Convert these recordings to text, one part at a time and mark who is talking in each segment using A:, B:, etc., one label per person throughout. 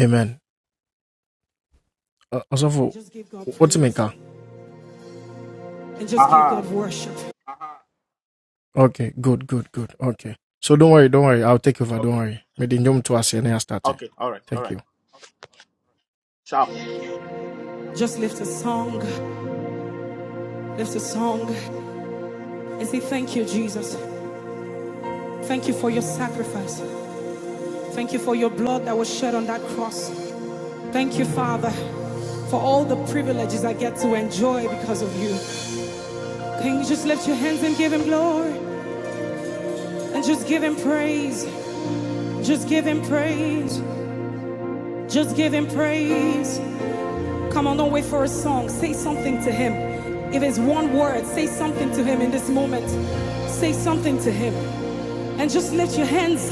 A: Amen. Uh, Osofo, And just give what's praise. maker? And just give
B: Aha.
A: God worship. Okay, good, good, good. Okay. So don't worry, don't worry. I'll take over. Don't
B: Okay.
A: worry. May the name to us and I start it.
B: Okay. All right. All
A: Thank
B: right.
A: you.
B: Sharp.
A: Just lift a song, lift a song, and say, Thank you, Jesus. Thank you for your sacrifice. Thank you for your blood that was shed on that cross. Thank you, Father, for all the privileges I get to enjoy because of you. Can you just lift your hands and give Him glory? And just give Him praise. Just give Him praise. Just give him praise. Come on, don't wait for a song. Say something to him. If it's one word, say something to him in this moment. Say something to him. And just lift your hands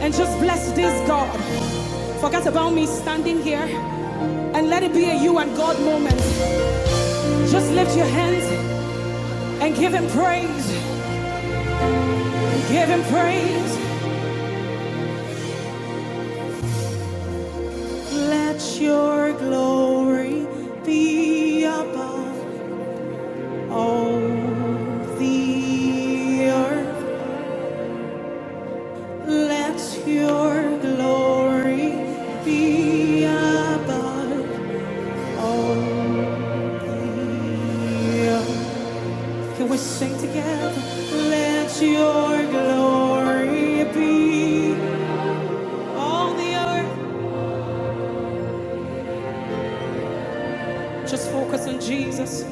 A: and just bless this God. Forget about me standing here and let it be a you and God moment. Just lift your hands and give him praise. Give him praise. Let your glory be above all the earth. Let your glory be above all the earth. Can we sing together? Let your glory be all the earth. Just focus on Jesus.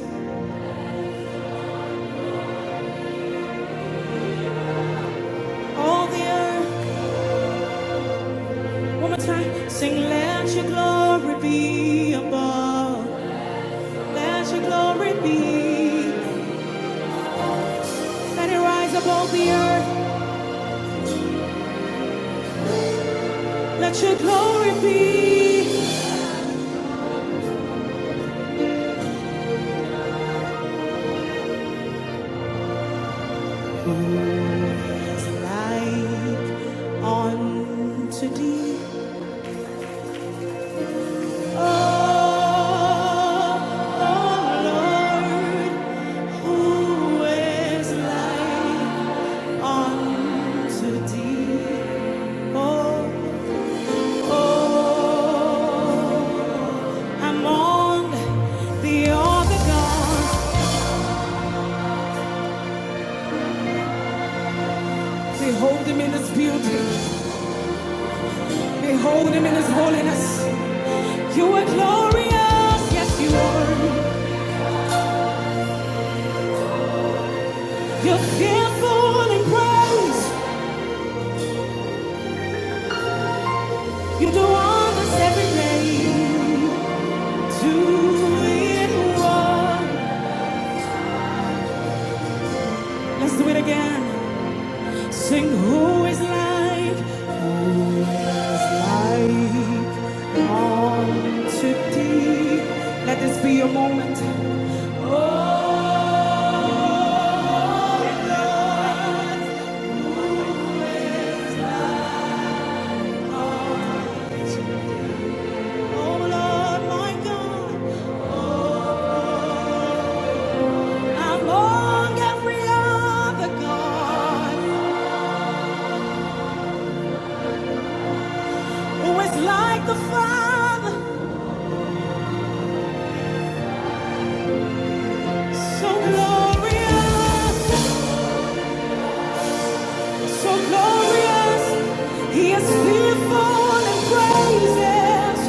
A: All the earth. One more time. Sing, let your glory be above. Let your glory be. Let it rise above the earth. Let your glory be. Like unto thee, oh, oh Lord, who is like unto thee? Oh, oh, among the other gods, behold him in his beauty, behold him in his holiness. You are glorious, yes, you are. You're fearful and praise. You do all this every day. Do it one. Let's do it again. Sing who is like, who is like unto thee. Let this be your moment. Oh, Lord, who is like unto thee? Oh, Lord, my God. Oh. Among every other God, who is like the Father, so glorious, so glorious. He is fearful and praises.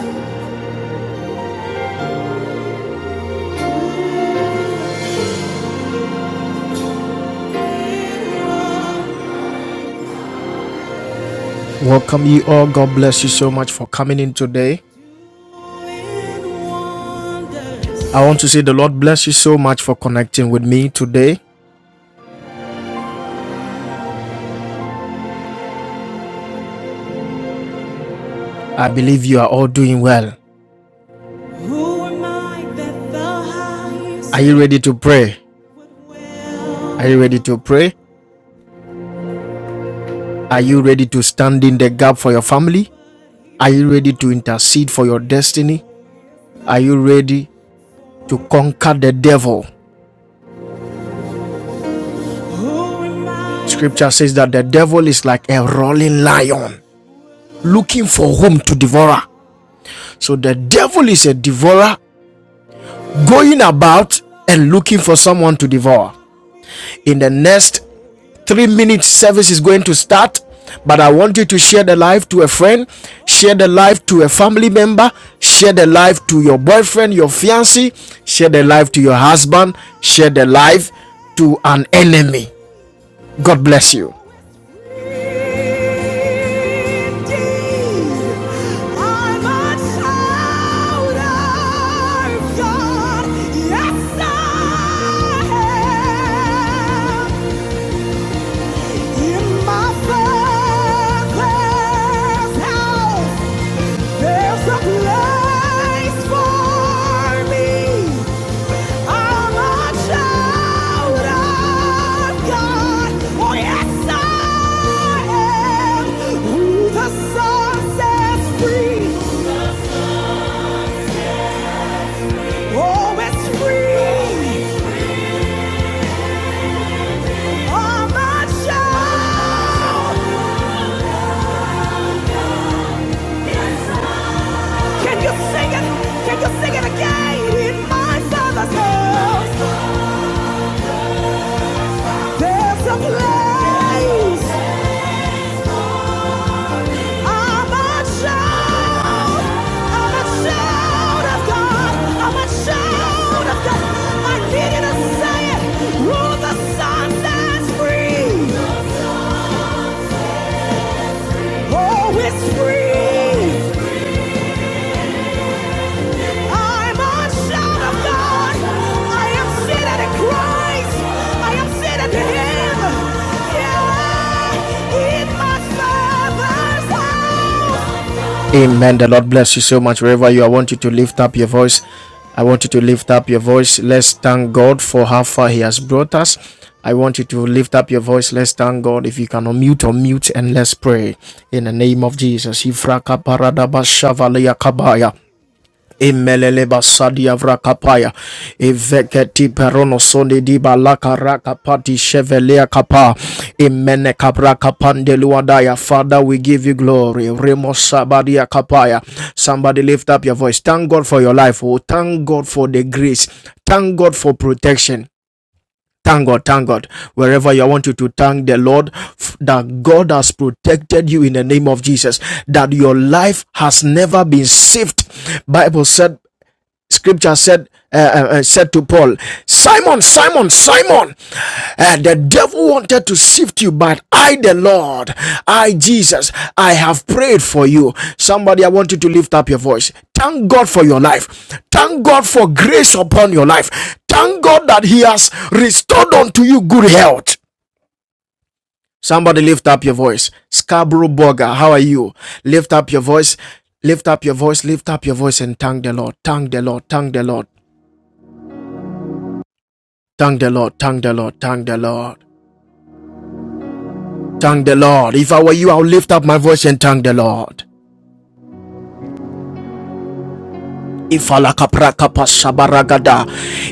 A: Welcome ye all. God bless you so much for coming in today. I want to say the Lord bless you so much for connecting with me today. I believe you are all doing well. Are you ready to pray? Are you ready to pray? Are you ready to stand in the gap for your family? Are you ready to intercede for your destiny? Are you ready to conquer the devil? Scripture says that the devil is like a rolling lion looking for whom to devour. So the devil is a devourer going about and looking for someone to devour. In the next three minute service is going to start but i want you to share the live to a friend share the live to a family member share the live to your boyfriend your fiancé share the live to your husband share the live to an enemy god bless you In my father's house, there's a place for me. I'm a child of God. Oh, yes, I am. Who the Son sets free, oh, it's free. I'm a child. Can you sing it? Can you sing it again? In my father's house. There's a place I'm a child. I'm a child of God. I'm a child of God. I needed to say it. Oh, the sun that's free. Oh, it's free. I'm a son of God. I am seated in Christ. I am seated in Him. Yeah, in my Father's house. Amen. The Lord bless you so much wherever you are. I want you to lift up your voice. I want you to lift up your voice. Let's thank God for how far He has brought us. I want you to lift up your voice. Let's thank God. If you can unmute or mute and let's pray in the name of Jesus. Emelele basadi avrakapaya eveketi perono sonde di balaka rakapati chevelea kapa imene kabra kapande luadaya father we give you glory remo sabadia kapaya somebody lift up your voice thank god for your life oh thank god for the grace thank god for protection Thank God, thank God. Wherever you I want you to thank the Lord that God has protected you in the name of Jesus, that your life has never been saved. Bible said scripture said uh, uh, uh, said to Paul, Simon, Simon, Simon, uh, the devil wanted to sift you, but I, the Lord, I, Jesus, I have prayed for you. Somebody, I want you to lift up your voice. Thank God for your life. Thank God for grace upon your life. Thank God that He has restored unto you good health. Somebody lift up your voice. Scarborough Burger, how are you? Lift up your voice. Lift up your voice. Lift up your voice and thank the Lord. Thank the Lord. Thank the Lord. Thank the Lord, thank the Lord, thank the Lord. Thank the Lord. If I were you, I'll lift up my voice and thank the Lord. If Ifalakaprakapasabaragada.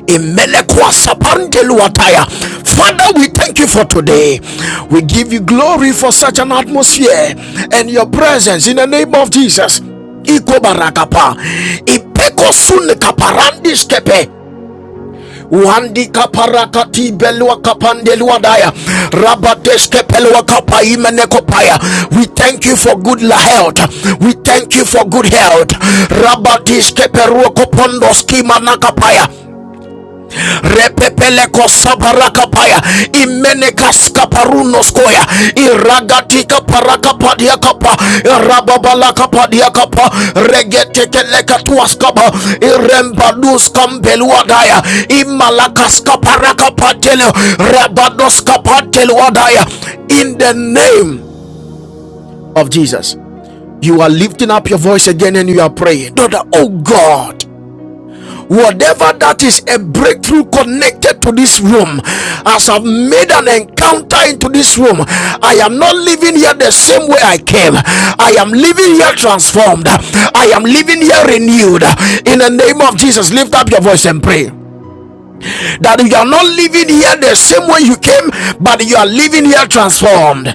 A: Imelekwasapandeluataya. Father, we thank you for today. We give you glory for such an atmosphere and your presence in the name of Jesus. Iko Ikobarakapa. Ipekosunekaparandiskepe. Wandi kaparakati belua kapandelua daya. Rabadeske pelua kapa imene kopaya. We thank you for good health. We thank you for good health. Rabadiske peruo kopondo skima repepeleko sabarakapaya imenekaskaparunoskoya iragatikaparakapadiakapa rababalakapadiakapa regetekelekatuaskaba irembaduskambeluadaya imalakaskaparakapatelo rabadoskapateluadaya in the name of jesus you are lifting up your voice again and you are praying Daughter, oh god whatever that is a breakthrough connected to this room as i've made an encounter into this room i am not living here the same way i came i am living here transformed i am living here renewed in the name of jesus lift up your voice and pray that you are not living here the same way you came but you are living here transformed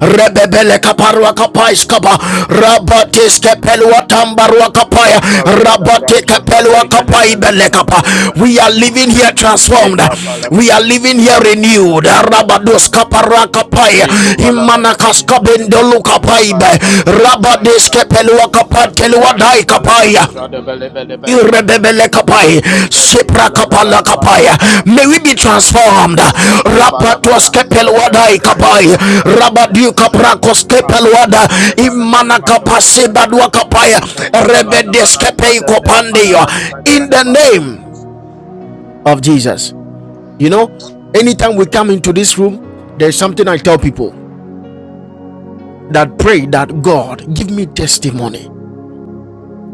A: rebebele kaparwa kapais kaba rabatis kepelwa tambarwa kapaya
B: Kalabadabra
A: rabate kepelwa
B: shadabra
A: kapai bele kapa
B: gadabalabalabado
A: we are
B: shadabra.
A: living here transformed we are
B: Lekabalabadi
A: living here
B: gadabara
A: renewed
B: shadabra
A: rabados
B: gadabadibadaba.
A: kapara kapaya imanakas
B: Lekombalabadabadi shadabra.
A: kabendolu kapaibe
B: Lekabaragadabada
A: rabades
B: shadabra.
A: kepelwa kapat kelwa
B: Kadibra
A: dai
B: kobalabada
A: kapaya
B: shadabelebelebelebadosh.
A: Irebebele kapai, sepra kapala kapaya.
B: Regadibalabadabadabadaba.
A: May we be transformed. Rapatos
B: Rekobalabada, Sanda
A: kepelwadai
B: Belega de
A: kapai,
B: Bragodava de
A: rabadu
B: Vandakadaba,
A: kaprakos
B: Kadi
A: kepelwada,
B: Brega de Valaga de
A: imana
B: Vandamo
A: kapase badwa
B: Sadabre,
A: kapaya, rebedes
B: Ekombalabadabada
A: kepei
B: Sadabre,
A: kopandeyo.
B: Kalabadi
A: In the
B: Vandakadaba,
A: name of Jesus. You know, anytime we come into this room, there's something I tell people that pray that God give me testimony.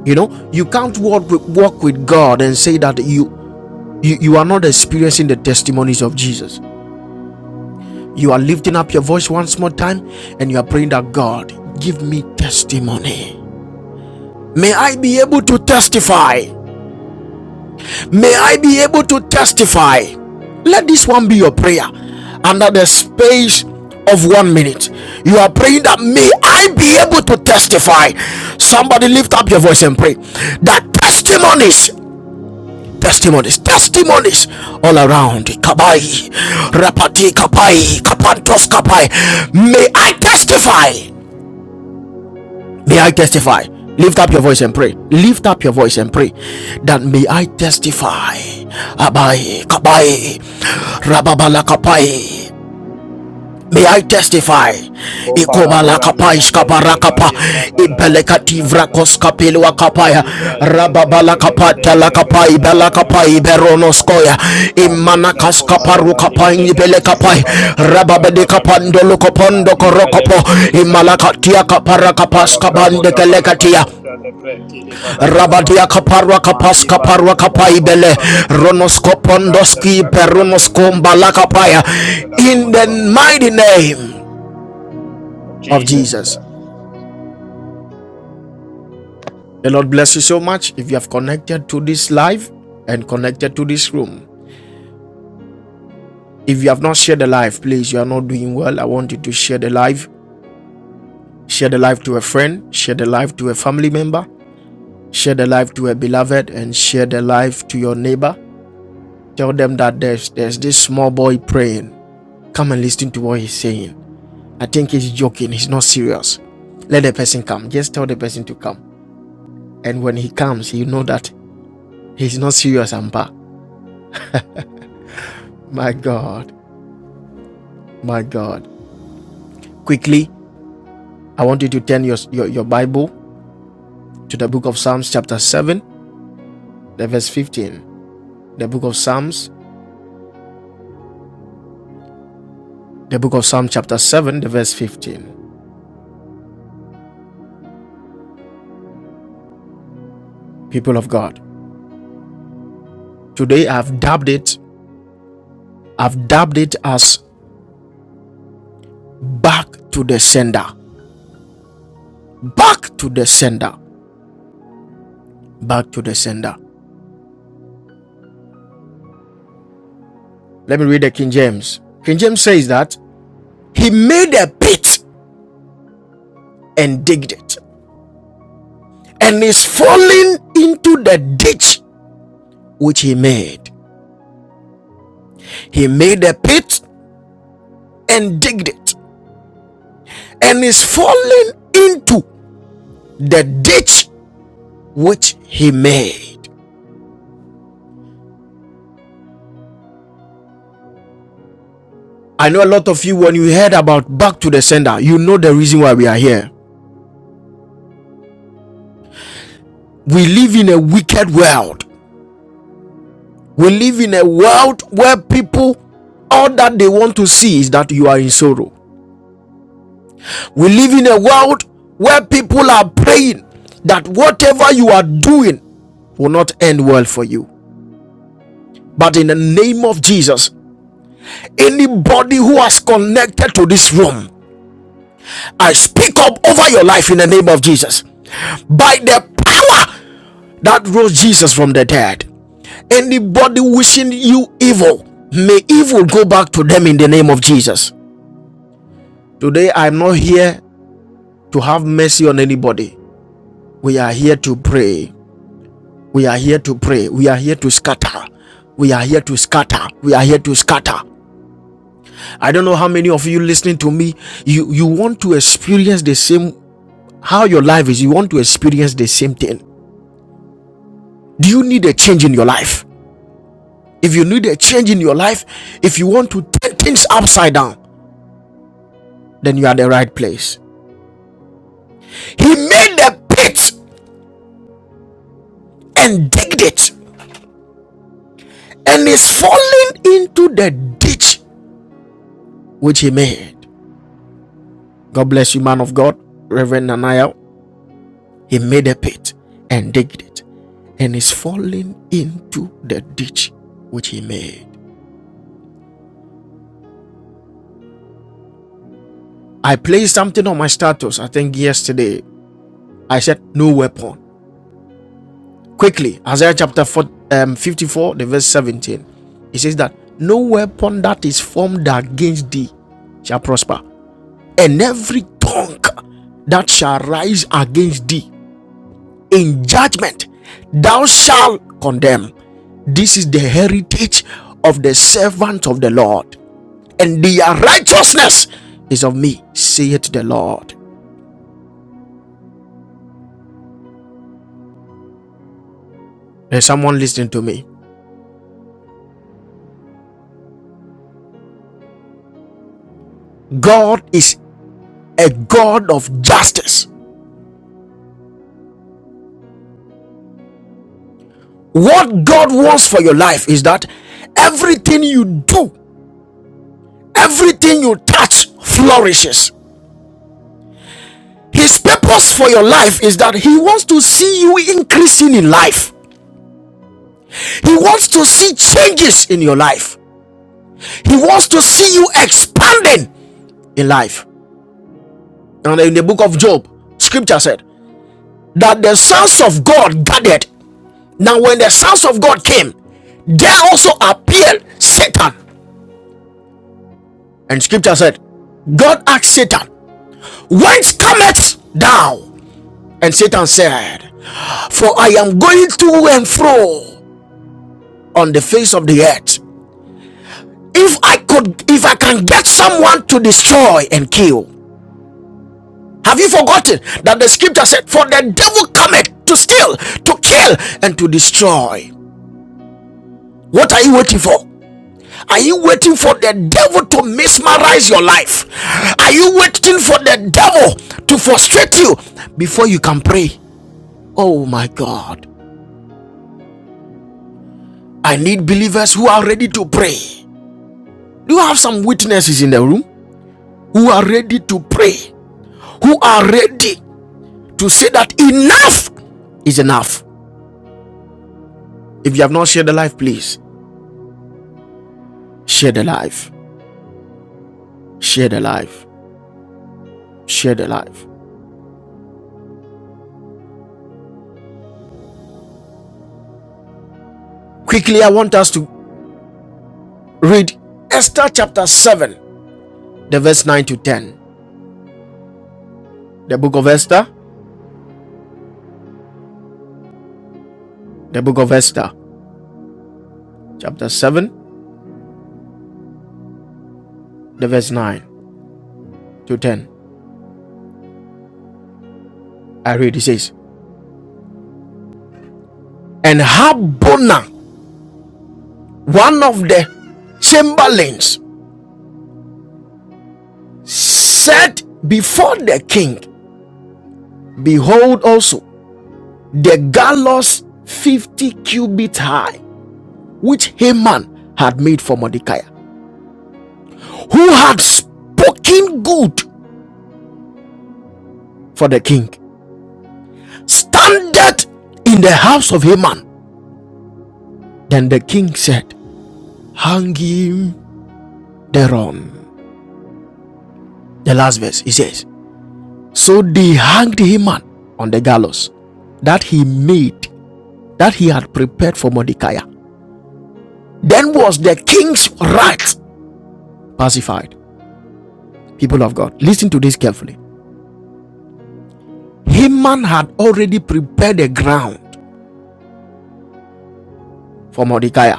A: You know, you can't walk with, walk with God and say that you You, you are not experiencing the testimonies of Jesus. You are lifting up your voice once more time and you are praying that God, give me testimony. May I be able to testify. May I be able to testify. Let this one be your prayer under the space of one minute. You are praying that may I be able to testify. Somebody lift up your voice and pray that testimonies testimonies, testimonies all around. Kabai, Rapati Kapai, Kapantos Kapai. May I testify? May I testify? Lift up your voice and pray. Lift up your voice and pray that may I testify. Abai, Kabai, Rababala Kapai. May I testify? Ikobala
B: Kopalabara
A: kapaish
B: Sadabre,
A: kabarakapa
B: Kadi Brabalabado
A: ibelekativra
B: Sadaba,
A: koskapelwa kapaya
B: Kadi Brega de
A: rababala
B: Belega de
A: kapata la
B: Belega de
A: kapai bela kapai
B: Valagadavada Sadabra,
A: beronoskoya
B: Kadi
A: imana
B: Brega
A: kaskaparu
B: Komalabadi
A: kapai
B: Gadebe,
A: ibele kapai
B: Yukamada Vale
A: rababede
B: Brabadashaba,
A: kapando lokopondo
B: Kadi
A: korokopo
B: Belega de Belega
A: imalakatia kapara kapas kabande kelekatia rabadia kaparwa kapas
B: mandi balo
A: kaparwa
B: bolobo
A: kapaibele
B: shadevre
A: ronoskopondoski
B: jadevre calabre kidi bele bele
A: perunoskombalakapaya
B: bele bele bele brobo
A: in
B: da
A: the
B: ba
A: mighty name of
B: Jesus
A: Jesus.
B: Christ
A: The Lord bless you so much if you have connected to this live and connected to this room. If you have not shared the live, please, you are not doing well. I want you to share the live. Share the live to a friend, share the live to a family member, share the live to a beloved, and share the live to your neighbor. Tell them that there's, there's this small boy praying. Come and listen to what he's saying. I think he's joking, he's not serious. Let the person come. Just tell the person to come. And when he comes, you know that he's not serious, Ampa. My God. My God. Quickly, I want you to turn your, your, your Bible to the book of Psalms, chapter 7, the verse 15. The book of Psalms, the book of Psalm, chapter 7, the verse 15. People of God, today I've dubbed it, I've dubbed it as back to the sender. Back to the sender. Back to the sender. Let me read the King James. King James says that he made a pit and digged it and is falling into the ditch which he made He made a pit and digged it and is falling into the ditch which he made. I know a lot of you, when you heard about Back to the Sender, you know the reason why we are here. We live in a wicked world. We live in a world where people, all that they want to see is that you are in sorrow. We live in a world where people are praying that whatever you are doing will not end well for you. But in the name of Jesus, Anybody who has connected to this room, I speak up over your life in the name of Jesus. By the power that rose Jesus from the dead, anybody wishing you evil, may evil go back to them in the name of Jesus. Today, I'm not here to have mercy on anybody. We are here to pray. We are here to pray. We are here to scatter. We are here to scatter. We are here to scatter. I don't know how many of you listening to me, you, you want to experience the same how your life is, you want to experience the same thing. Do you need a change in your life? If you need a change in your life, if you want to turn things upside down, then you are the right place. He made a pit and digged it and is falling into the ditch which he made. God bless you, man of God, Reverend Nanaya. He made a pit and digged it and is falling into the ditch which he made. I placed something on my status, I think yesterday, I said, No weapon. Quickly, Isaiah chapter um, 54, the verse 17. It says that no weapon that is formed against thee shall prosper, and every tongue that shall rise against thee in judgment thou shalt condemn. This is the heritage of the servant of the Lord, and their righteousness is of me, saith the Lord. There's someone listening to me. God is a God of justice. What God wants for your life is that everything you do, everything you touch flourishes. His purpose for your life is that He wants to see you increasing in life. He wants to see changes in your life. He wants to see you expanding in life. And in the book of Job, scripture said that the sons of God gathered. Now, when the sons of God came, there also appeared Satan. And scripture said, God asked Satan, whence cometh thou? And Satan said, For I am going to and fro on the face of the earth. If I could, if I can get someone to destroy and kill, have you forgotten that the scripture said, For the devil cometh to steal, to kill, and to destroy? What are you waiting for? Are you waiting for the devil to mesmerize your life? Are you waiting for the devil to frustrate you before you can pray? Oh my God. I need believers who are ready to pray. Do you have some witnesses in the room who are ready to pray? Who are ready to say that enough is enough? If you have not shared the life, please share the life. Share the life. Share the life. Quickly, I want us to read Esther chapter 7, the verse 9 to 10. The book of Esther, the book of Esther, chapter 7, the verse 9 to 10. I read it says, And Habona one of the chamberlains said before the king, Behold also the gallows 50 cubits high, which Haman had made for Mordecai, who had spoken good for the king, standeth in the house of Haman. Then the king said, Hang him thereon. The last verse, he says, So they hanged Haman on the gallows that he made that he had prepared for Mordecai. Then was the king's wrath pacified. People of God, listen to this carefully. Haman had already prepared the ground for Mordecai.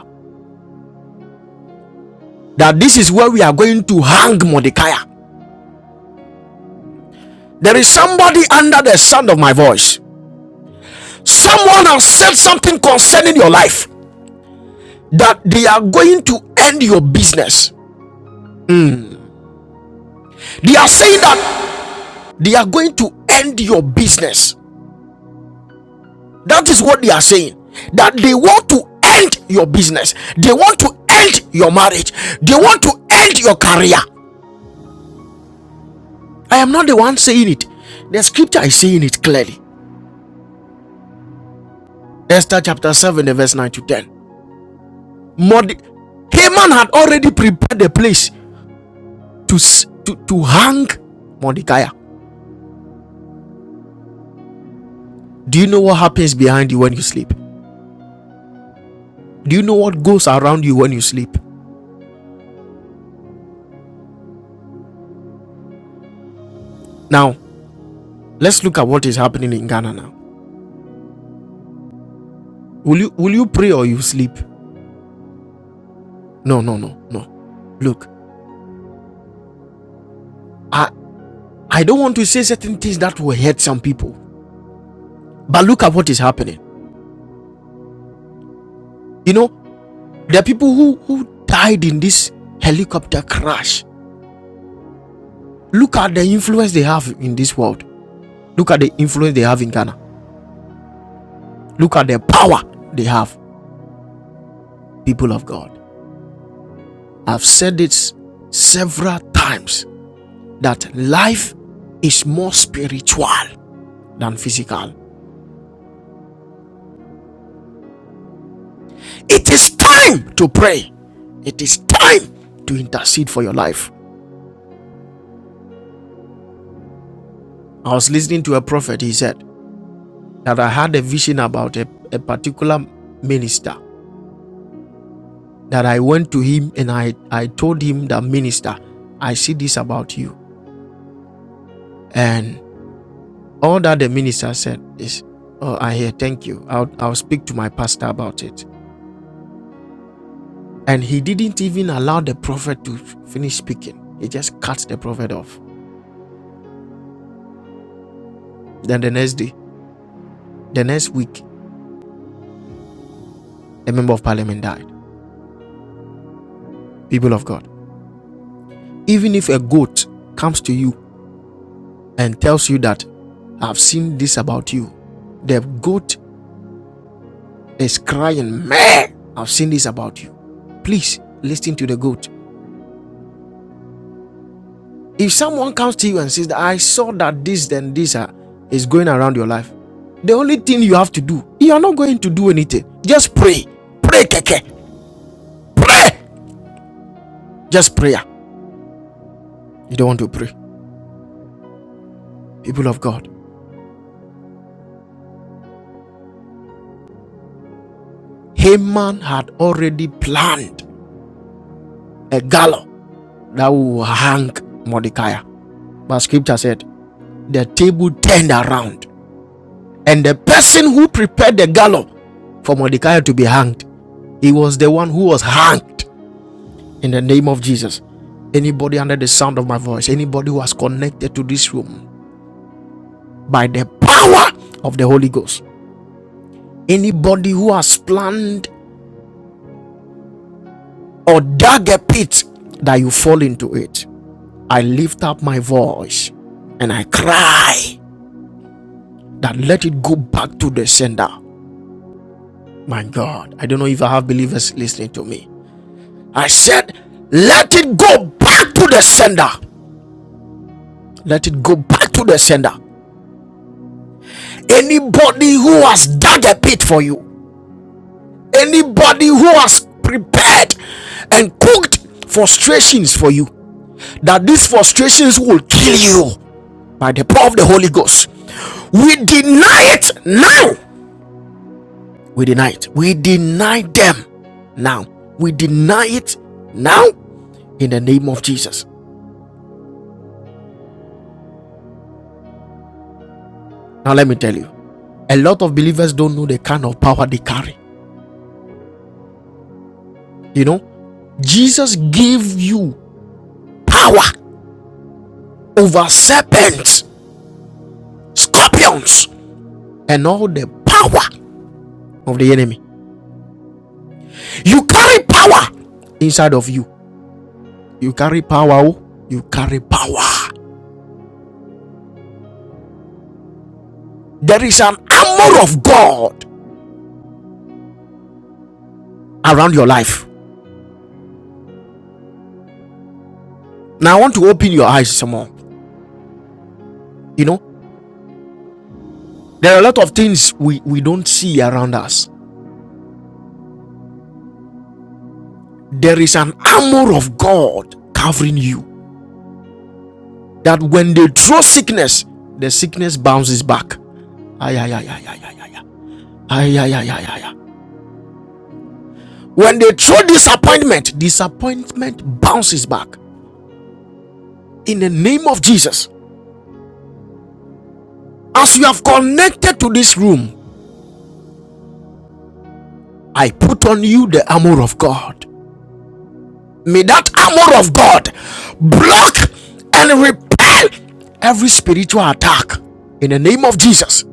A: That this is where we are going to hang Mordecai. There is somebody under the sound of my voice. Someone has said something concerning your life that they are going to end your business. They are saying that they are going to end your business. That is what they are saying. That they want to end your business. They want to end your marriage. They want to end your career. I am not the one saying it. The scripture is saying it clearly. Esther chapter 7, the verse 9 to 10. Morde- Haman had already prepared the place to, to, to hang Mordecai. Do you know what happens behind you when you sleep? Do you know what goes around you when you sleep? Now, let's look at what is happening in Ghana now. Will you will you pray or you sleep? No, no, no, no. Look, I I don't want to say certain things that will hurt some people. But look at what is happening. You know, there are people who who died in this helicopter crash. Look at the influence they have in this world. Look at the influence they have in Ghana. Look at the power they have, people of God. I've said it several times that life is more spiritual than physical. It is time to pray. It is time to intercede for your life. I was listening to a prophet, he said that I had a vision about a, a particular minister. That I went to him and I, I told him that minister, I see this about you. And all that the minister said is, Oh, I hear, thank you. I'll, I'll speak to my pastor about it. And he didn't even allow the prophet to finish speaking. He just cut the prophet off. Then the next day, the next week, a member of parliament died. people of God. Even if a goat comes to you and tells you that I've seen this about you, the goat is crying, Meh! I've seen this about you. Please listen to the goat. If someone comes to you and says, that, I saw that this and this are, is going around your life, the only thing you have to do, you are not going to do anything. Just pray. Pray, keke. Pray. Just prayer. You don't want to pray. People of God, Haman had already planned a gallop that will hang Mordecai. But scripture said, the table turned around, and the person who prepared the gallows for Mordecai to be hanged, he was the one who was hanged in the name of Jesus. Anybody under the sound of my voice, anybody who has connected to this room by the power of the Holy Ghost, anybody who has planned or dug a pit that you fall into it, I lift up my voice and I cry that let it go back to the sender. My God, I don't know if I have believers listening to me. I said, let it go back to the sender. Let it go back to the sender. Anybody who has dug a pit for you, anybody who has prepared and cooked frustrations for you, that these frustrations will kill you by the power of the Holy Ghost. We deny it now. We deny it. We deny them now. We deny it now in the name of Jesus. Now, let me tell you, a lot of believers don't know the kind of power they carry. You know, Jesus gave you power over serpents, scorpions, and all the power of the enemy. You carry power inside of you. You carry power. oh. You carry power. There is an armor of God around your life. Now, I want to open your eyes some more. You know, there are a lot of things we, we don't see around us. There is an armor of God covering you that when they throw sickness, the sickness bounces back. Ay, ay, ay, ay, ay, ay, ay, ay. Ay, ay, ay, ay, ay, When they throw disappointment, disappointment bounces back. In the name of Jesus, as you have connected to this room, I put on you the armor of God. May that armor of God block and repel every spiritual attack. In the name of Jesus,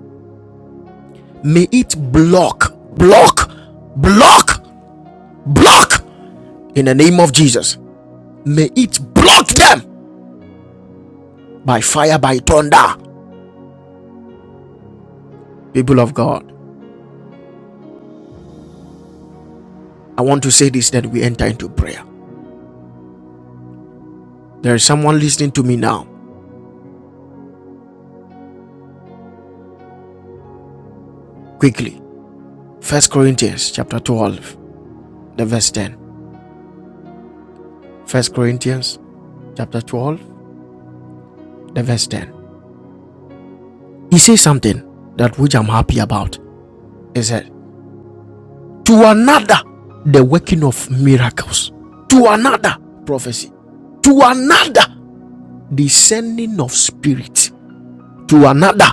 A: may it block, block, block, block. In the name of Jesus. May it block them by fire, by thunder. People of God, I want to say this that we enter into prayer. There is someone listening to me now. Quickly. First Corinthians chapter 12, the verse 10. First Corinthians chapter 12, the verse 10. He says something that which I'm happy about. He said, To another, the working of miracles. To another, prophecy. To another, the sending of spirit. to another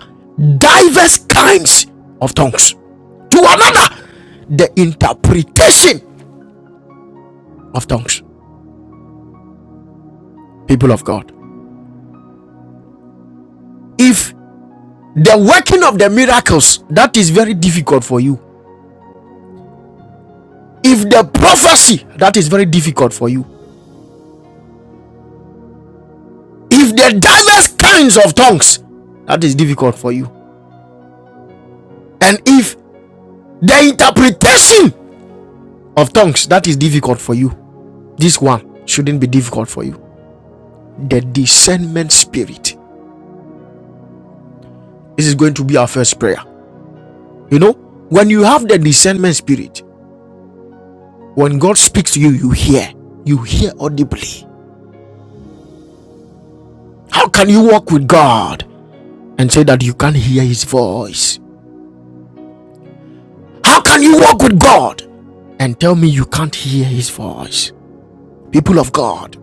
A: diverse kinds of tongues. To another, the interpretation of tongues. People of God, if the working of the miracles that is very difficult for you, if the prophecy that is very difficult for you, if the diverse kinds of tongues that is difficult for you, and if the interpretation of tongues that is difficult for you, this one shouldn't be difficult for you. The discernment spirit. This is going to be our first prayer. You know, when you have the discernment spirit, when God speaks to you, you hear. You hear audibly. How can you walk with God and say that you can't hear his voice? How can you walk with God and tell me you can't hear his voice? People of God,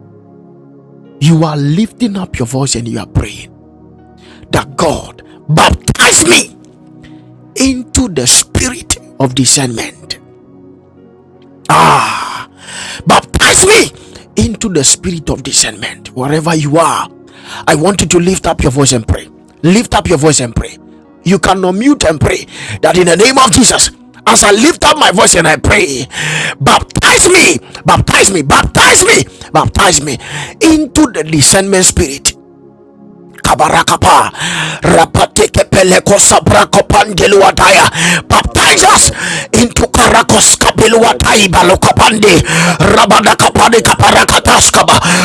A: you are lifting up your voice and you are praying that God baptize me into the spirit of discernment. Ah, Baptize me into the spirit of discernment. Wherever you are, I want you to lift up your voice and pray. Lift up your voice and pray. You can unmute and pray that in the name of Jesus, as I lift up my voice and I pray, baptize me, baptize me, baptize me, baptize me into the discernment spirit kabarakapa rapatekepeleko sabrakopandeluataya baptize
B: kapala
A: us
B: bada bada
A: into karakos kapeluatai
B: jadevre kanta
A: balokapande
B: bale paya da bale
A: rabadakapade
B: kedevre bada bada
A: kaparakataskaba
B: bada ba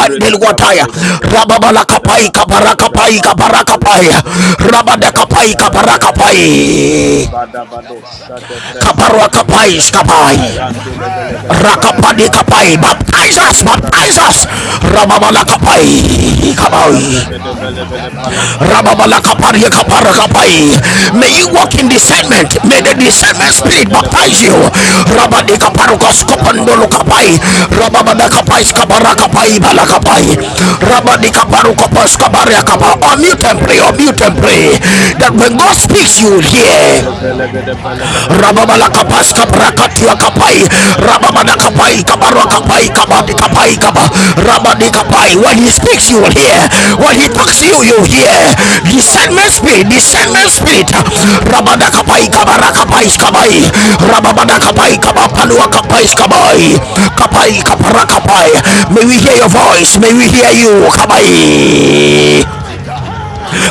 B: Irakatapa legelebelebado
A: rababalakapai
B: shadabra.
A: kabarakapai
B: Rapantampa
A: kabarakapai
B: legelebelebado shadabra
A: rabadakapai kabarakapai
B: gadabelegadepe. Libadabado shadavre
A: kabarakapai
B: kalibelegadapa.
A: skapai
B: Ayande lebelegadabra
A: Rakapani kapai,
B: kodivalegadapa.
A: baptize us,
B: Kalibra
A: baptize us.
B: katipa.
A: Ramamala kapai, kapai.
B: Shadabra gadabelegalepalo shadabra.
C: Le masanda da da
B: Reketepe
C: da da
A: May you
C: shanda
A: walk
C: da da
A: in
C: da da.
B: rabadabelegodobo
A: discernment. May
C: Le
A: the discernment
C: masanda
B: Diva
C: da
A: spirit
C: da
B: legada
A: baptize
C: da
A: you.
B: belegada
C: da da da.
B: progoda valegada
C: Father,
B: pa.
C: baptize me
B: Yakapa
C: into the
B: lagada
A: Rabadikaparukoskopandolukapai.
C: discernment
B: shanta
C: spirit.
B: pragada ve.
C: Baptize
B: Zende
C: me,
A: Rababadakapaskabarakapai
C: la da da
B: lebelegada
C: da da
B: prakata
C: shanda da da
B: palegada
C: da
B: va.
C: da.
B: Rapa
C: Le
B: lavado
C: ka da da
B: shada
A: and
C: da
A: pray.
C: da
B: vregada
C: da
A: Unmute and
C: shanda
B: velegada
C: da da
A: pray.
B: pa.
C: da.
A: That
C: Le
A: when God
C: masanda
A: speaks,
C: da
A: you
C: da
A: will
C: da da da
A: hear
B: Shada
C: shanda da da
B: velegada
C: da da.
B: pelegada
C: Le
B: pragoda
C: ka
A: rababala
C: da da da
A: kapaska
C: da
B: balabalaba.
C: da
A: prakatia
C: shanda da da
A: kapai
C: da
B: Shada
C: da.
B: velegada
A: rababana
C: Father,
B: pelegada
C: Lord,
A: kapai kabarwa
C: baptize me
A: kapai
B: balabalabala
C: into the
A: kabati kapai
B: kabalabada.
C: discernment
A: kaba
C: spirit.
A: rabadi
B: Zada
C: Father,
A: kapai
C: when
B: verako
C: you
A: when he
C: speak,
B: balabada
C: let
A: speaks
C: me
A: you will
B: para
C: hear.
A: hear
B: shada vre
A: when
C: Father,
A: he
B: kadi
C: when
A: talks
C: you
A: you
B: vregada
A: you
B: ve.
A: hear
B: Di
C: signal me, let me
A: discernment
C: hear.
B: karabado
A: spirit
B: shada
C: When you
A: discernment
B: vregada ve.
A: spirit
C: touch me, let me know.
A: rabada kapai
B: Likam
C: Father,
B: pala
A: kabara
B: bala
A: kapai
B: gada
C: baptize
B: pala
C: me.
B: gada.
A: skabai
C: Father,
A: rababana
B: Jadi
C: baptize me.
B: bala
A: kapai
C: La da
B: gada
C: da da
B: pala
C: da
A: kabapalua
C: da
B: bala
C: da.
B: gada
A: kapai
C: da.
B: bala bala
A: skabai
B: bala bala.
A: kapai kapara
B: Likam pala
A: kapai
B: bala
A: may
B: bala.
A: we hear your voice may we hear you kabai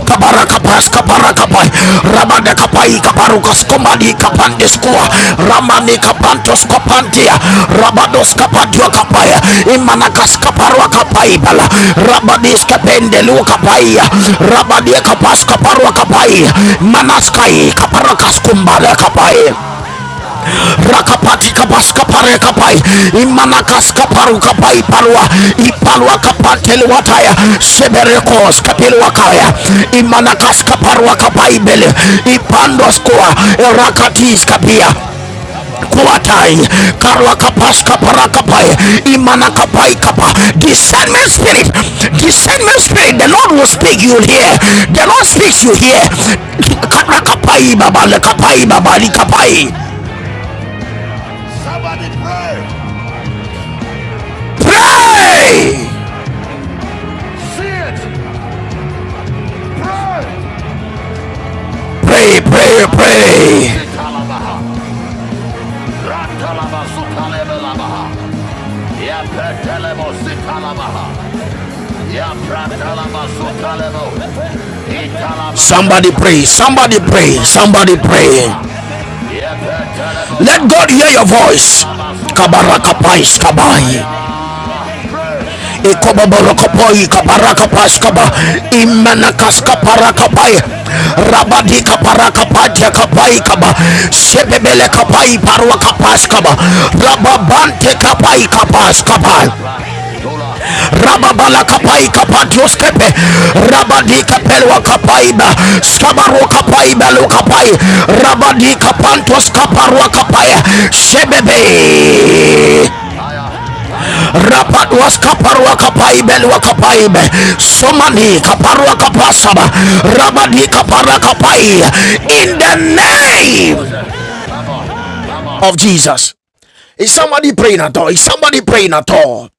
A: kabaraka praska baraka pai ramane kapai kabarukas komani
B: Repanti pe.
A: kapandes kua
B: Kala
A: ramani kapantos kapantia rabados kapatua kapai imanakas kaparua kapai bala rabadis kapendelu kapai rabadi kapas kaparua kapai manaskai kaparakas kumbala kapai rakapati kabaska pare kapai imanakas kaparu kapai palwa ipalwa kapatele wataya seberekos kapil wakaya imanakas kaparwa kapai bele ipandos kwa rakatis kapia kuatai karwa kapas kapara kapai imana kapai kapa discernment spirit discernment spirit the lord will speak you will hear the lord speaks you hear kapai baba kapai baba kapai Somebody pray. Pray! See Pray! Pray, pray, pray! Somebody pray, somebody pray, somebody pray. Let God hear your voice. Kabaraka pais kabai. ikoboborokopoi kaparakapaskaba imanakaskaparakai skabaro sebebelekapai parwakapaskaba rababantekapaikapaskaba rabadi kapantos kaparwa kapai sebebe rapadwas kaparwa kapaibel wa kapaibe somani kaparwa kapasaba rabadi kapara kapai in the name of Jesus. Is somebody praying at all? Is somebody praying at all?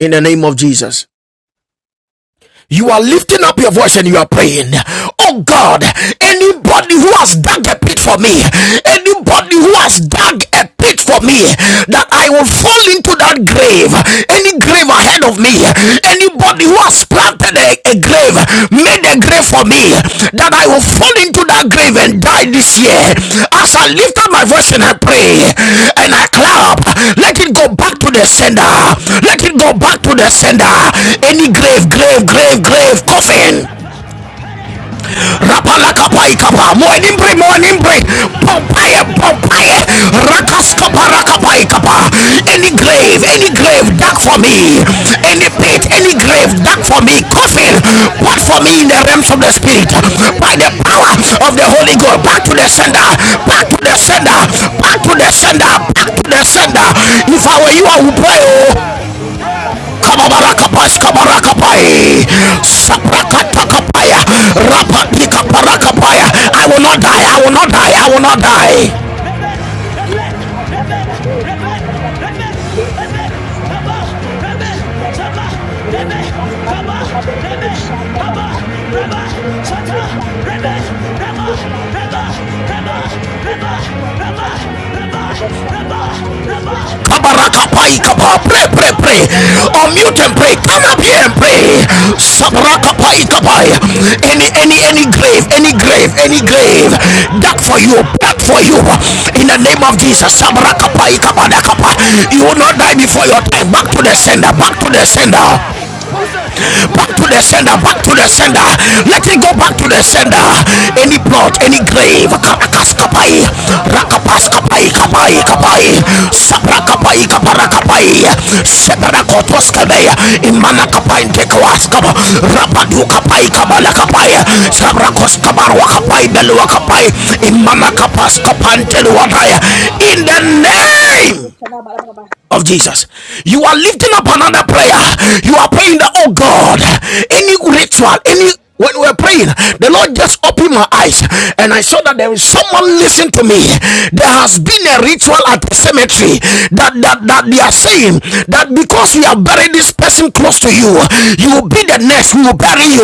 A: In the name of Jesus. you are lifting up your voice and you are praying. Oh God, anybody who has dug a pit for me, anybody who has dug a pit for me, that I will fall into that grave, any grave ahead of me, anybody who has planted a, a grave, made a grave for me, that I will fall into that grave and die this year. As I lift up my voice and I pray and I clap, up. let it go back to the sender let it go back to the sender any grave grave grave grave coffin rapalakapai kapa moenimbre moenimbre
C: Le
A: pompaye
C: ma da da
A: pompaye
C: da da da da da. Shanda da
A: rakaskopa
C: da da da da
A: rakapai
C: da da.
A: kapa
C: Any
A: any
C: day that
A: grave
C: is
A: any
C: dark
A: grave
C: before
A: dark
C: me,
A: for
C: is dark
A: me
C: for my
A: any
C: husband,
A: pit
C: is
A: any
C: dark for
A: grave
C: my
A: dark for
C: children.
A: me
C: La
A: coffin
C: ba
A: what
C: shanda
A: for
C: da da
A: me
C: da
A: in
C: da
A: the
C: da da da.
A: realms of
C: da.
A: the
C: That
A: spirit
C: you said
A: by
C: that
A: the
C: before the
A: power
C: hand of
A: of the
C: death, you
A: holy
C: are
A: ghost
C: going to
A: back to
C: be
A: the
C: dead.
A: sender back
C: Father,
A: to
C: in
A: the
C: the
A: sender
C: mighty name of
A: back to
C: Jesus, I
A: the
C: said
A: sender
C: back to
A: back to
C: send
A: the
C: that.
A: sender if i were
C: Anybody
A: you
C: that
A: i would
C: does
A: pray
C: the
A: oh
C: day for me, Father, I send the
A: Kabarakapas
C: person back God
A: kabarakapai.
C: gave in the mighty name of Jesus.
A: Saprakatapaya.
C: Leba shanda da da bo lebo
A: Rapatikapaya.
C: shanda da da
A: I
C: ba.
A: will not die. I
C: Leba
A: will not die.
C: fida
A: I
C: da da
A: will
C: bo
A: not
C: lebo
A: die.
C: shanda da da ba. La ka da da da bo ka da da ba. Leba da da shanda da da bo lebo shanda da da ba. Leba da shanda da da bo lebo shanda da da ba. Any breakup that that before me, that that before my children, that that before my husband, the person that God gave
A: Rabba,
C: myself back to
A: Kabarakapai
C: sender.
A: kapa. Pre
C: La
A: pre
C: ba
A: and
C: ba
A: pray.
C: shanda da da bo
A: Unmute and
C: lebo
A: pray.
C: shanda
A: Come
C: da
A: up here and pray. Sabrakapai kapai. Any any any grave, any grave, any grave. That for you, that for you. In the name of
C: Oh,
A: Jesus.
C: whatever they're
A: Sabrakapai kapadakapa.
C: in my
A: You will not die
C: family,
A: before your time.
C: around
A: Back
C: the
A: to the sender. Back
C: environment,
A: to the
C: around my
A: sender
C: household, at a
A: back to
C: water
A: the
C: region,
A: sender back to the sender let it
C: water,
A: go back
C: cry,
A: to the
C: the
A: sender
C: western region,
A: any plot any
C: anybody that
A: grave
C: has done
A: karakas
C: any
A: kapai
C: good against me, the
A: rakapas
C: other
A: kapai kapai
B: bala
A: kapai
B: bala
C: against Donald
A: sabra
C: Trump, I say
A: kapai
C: anything.
A: kapara kapai
C: Again, Joy, we come
A: sebra
C: up
A: kotos
C: against my
A: kapai
C: children.
A: imana
C: Father,
A: kapai
C: the person that
A: tekwas
C: died
A: kaba
C: again, we come
A: rabadu kapai
C: sender.
A: kabala kapai
C: As a back
A: sabra kos
C: sender.
A: kabarwa
C: Le
A: kapai
C: mak
A: belwa
C: shada da
A: kapai
C: da.
A: imana
C: Le
A: kapas
C: kuda da da da da
A: kapantelu
C: shanda
A: wadaya
C: da da.
A: in the
C: Le kuda da da da
A: name
C: da shanda da da da.
A: of Jesus. You are lifting up another prayer. You are praying that, oh God, any ritual, any when we were praying, the Lord just opened my eyes and I saw that there is someone listening to me. There has been a ritual at the cemetery that, that, that they are saying that because we have buried this person close to you, you will be the next, we will bury you.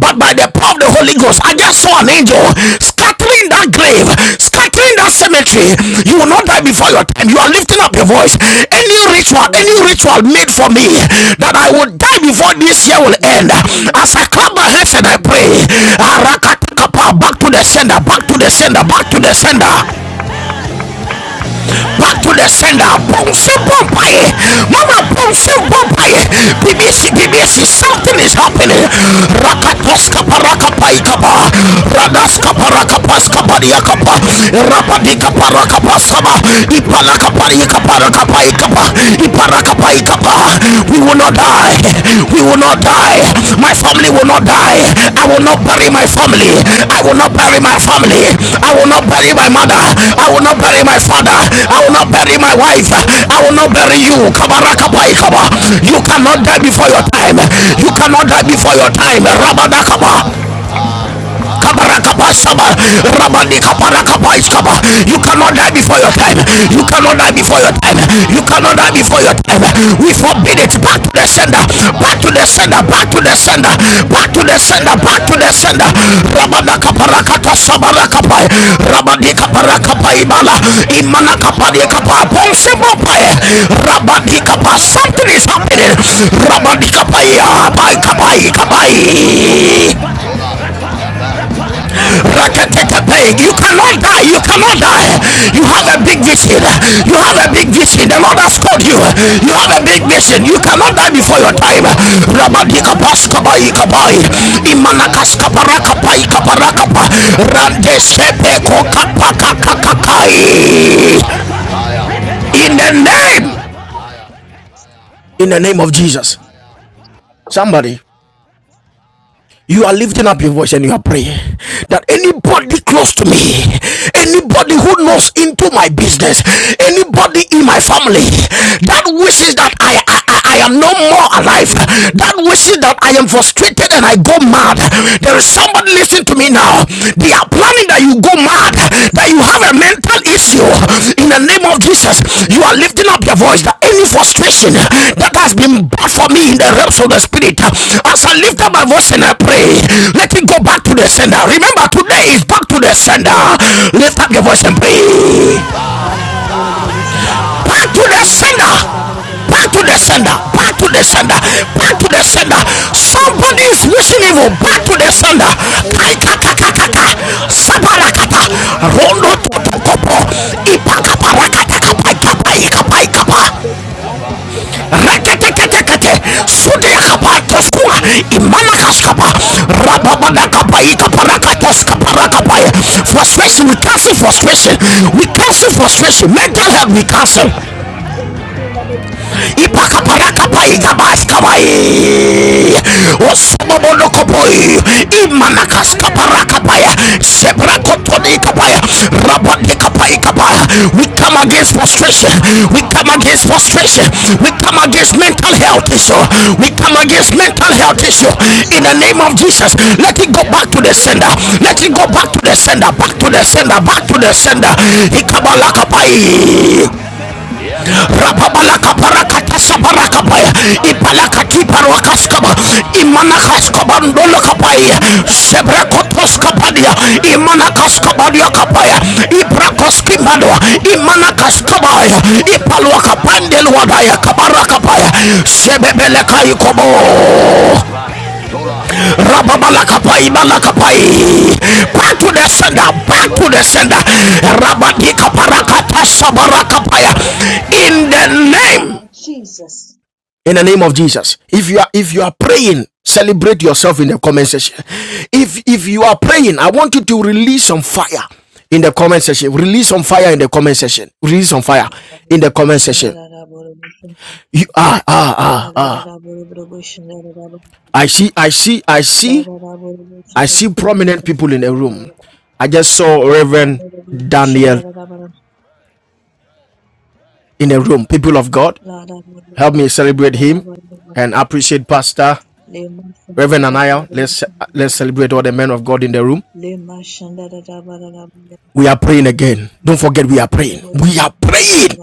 A: But by the power of the Holy Ghost, I just saw an
C: Jesus,
A: angel scattering that grave,
C: Jesus,
A: scattering entering that cemetery, you will
C: Jesus.
A: not die before your time. You are lifting up your voice. Any ritual,
C: When
A: any
C: we
A: ritual
C: do
A: made for me
C: trials,
A: that I will die before this year will end.
C: mercy.
A: As I clap my hands and I pray,
C: Mm.
A: Arakataka, back to
C: Da
A: the
C: da
A: sender, back to the
C: da
A: sender,
C: da.
A: back to the sender
C: Lima sanda na babo bolo bo sanda na na
A: back
C: babo.
A: to the
C: Back
A: sender
C: to sender,
A: bouncy
C: back to sender.
A: bumpaye
C: Wherever
A: mama
C: they back
A: bouncy
C: against
A: bumpaye
C: against any grave
A: bbc
C: that they back
A: bbc
C: against my
A: something is
C: life,
A: happening
C: anybody that has been
A: rakatoska
C: to the
A: parakapai
C: cemetery
A: kapa
C: and done any any
A: radaska
C: I know what
A: parakapaska
C: to us
A: pariakapa
C: against me and serve
A: rabadika
C: them every time. They said,
A: parakapaskaba
C: Great joy, you come out against
A: iparakapai
C: my husband, and my
A: kaparakai
C: family.
A: ipara
C: Anything
A: iparakapai
C: which
A: kapa
C: I just have
A: we
C: done
A: will will not
C: against my
A: die.
C: life, Father,
A: We
C: will be
A: will not
C: there, what
A: die.
C: kind of
A: My
C: right
A: family
C: against
A: will
C: me?
A: not die.
C: Father, let
A: I
C: us go
A: will
C: back
A: not
C: to
A: bury my
C: sender, back to
A: family.
C: sender,
A: I
C: back to
A: will not
C: sender.
A: bury my
C: La ba ba
A: family.
C: ba,
A: I will
C: shanda da
A: not
C: da bu
A: bury
C: da
A: my
C: bu,
A: mother.
C: shanda da da.
A: I will not
C: Le
A: bury
C: ma
A: my
C: sa da da
A: father.
C: bu da bu,
A: I will not
C: shanda da
A: bury
C: da
A: my
C: ba.
A: wife.
C: Le ba ba
A: I
C: da ba
A: will
C: da
A: not bury you.
C: shanda da da ba da ba ba.
A: Kabarakabaikaba.
C: Any
A: You
C: good times
A: cannot
C: being
A: die before your time.
C: done against
A: You
C: my
A: cannot
C: life.
A: die before your time.
C: Any good
A: Rabadakaba.
C: times being done against my life.
A: You cannot die before your time. You cannot die
C: From
A: before your time. You
C: the
A: cannot die before your time. We forbid it. Back to the sender. Back to the sender. Back to the sender. Back to the sender. Back to the
C: western
A: sender.
C: business, people, from the
A: Ramanakabarakata
C: east,
A: sabarakabai.
C: all in the way to wherever
A: Ramanikabarakabai
C: they've
A: bala.
C: done the business. My
A: Imanakabarikaba.
C: business, my
A: Bonsibobai.
C: husband, but he said
A: Rabanikaba.
C: that the Bible
A: Something is
C: will show
A: happening.
C: up.
A: Ramanikabai. Kabai. Kabai. Kabai. You cannot die. You cannot die. You have a big vision. You have a big vision. The Lord has called you. You have a big
C: Every
A: vision. You
C: ritual
A: cannot
C: that the
A: die
C: young
A: before your
C: is
A: time.
C: my business. The ritual of the people are the younger ritual. For this Western region, have about to send it. It will be in front
A: In
C: of
A: the
C: my
A: name.
C: house.
A: In the name of Jesus. Somebody. you are lifting up your voice and you are praying that anybody close to me, anybody who knows into my business, anybody in my family that wishes that I, I, I am no more alive, that
C: Jesus,
A: wishes that I am frustrated and I go mad. There
C: Jesus,
A: is somebody listening to me now. They are are planning that you go mad, that
C: Jesus,
A: you have a mental issue,
C: Jesus,
A: in the name of Jesus, you
C: Jesus.
A: are lifting up your voice that any frustration that has been bad for me in the realms
C: Mm,
A: of the spirit, as I lift up my
C: mm,
A: voice and I pray,
C: mm,
A: let it go back to the sender.
C: yes.
A: Remember, today is back to the sender.
C: Mm.
A: Lift up your voice and pray.
C: Back to the sender, back
A: Back to the
C: to the
A: sender. Back to the sender. Back to the sender. Back
C: sender,
A: to
C: back
A: the
C: to the
A: sender.
C: sender, back to the
A: Somebody is wishing evil. Back to the
C: sender.
A: sender.
C: Any
A: Kai kaka kaka
C: frustration
A: kaka.
C: that is brought to me,
A: Sabala kapa.
C: any
A: Rondo
C: spiritual
A: toto kopo.
C: mental health that is
A: Ipa
C: brought
A: kapa
C: to me,
A: rakata kapa
C: anything that
A: kapa
C: is said
A: kapa
C: to
A: kapa.
C: frustrate my life, frustrate my business,
A: Rakete
C: frustrate
A: kete
C: my
A: kete.
C: career,
A: Sude
C: any
A: kapa
C: mental illness
A: toskua.
C: that is brought
A: Imana
C: to me,
A: kaskapa.
C: ah, back to
A: Rababada
C: sender.
A: kapa
C: Ebi
A: kapa
C: ọmọ
A: rakatos
C: akọkọ,
A: kapa rakapa.
C: ọmọ ayẹ,
A: Frustration. We cancel
C: Anybody close to
A: frustration.
C: me that
A: We
C: have
A: cancel
C: trusted any
A: frustration. Mental health
C: frustration,
A: we cancel
C: any death, anything that is done, anybody close
A: ipakaparakapa
C: to me to come out of
A: igabaskabai
C: heaven, I
A: osomobonokopoi
C: want I don't need
A: imanakaskaparakapaya
C: any of my friends that will
A: sebrakotonikapaya
C: think that they are going to destroy my
A: rabandikapayikapaya
C: life, that they
A: we
C: are
A: come
C: going to
A: against
C: do
A: frustration
C: anything to
A: we
C: me.
A: come
C: I
A: against
C: can back to
A: frustration
C: tell
A: we come against mental health issue we come against mental health issue in the name of jesus let it go back to the sender let it go back to the sender back to the sender back to the sender Ikabalakapai. Rapabalaka parakata
C: them. I can
A: sabarakapaya. Ipalakati paruakaskaba. Imanakaskaba ndolokapaya. Sebrekotoskabadia. Imanakaskabadia kapaya. Ibrakoskibadwa. Imanakaskabaya. Ipaluakapandeluadaya kabarakapaya. Sebebelekaikobo. Rababalakapai balakapai. Back to the sender. Back to the sender. Rabadika parakata sabarakapaya. In the name in the name of jesus if you are if you are praying celebrate yourself in the comment section if if you are praying i want you to release some fire in the comment section release some fire in the comment section release some
C: Thank
A: fire
C: you.
A: in the comment section you ah ah ah ah i see i see i see i see prominent people in the room i just saw reverend daniel in the room people of god help me celebrate him and appreciate pastor reverend anaya let's let's celebrate all the men of god in the room We are praying again. Don't forget, we are praying. We are praying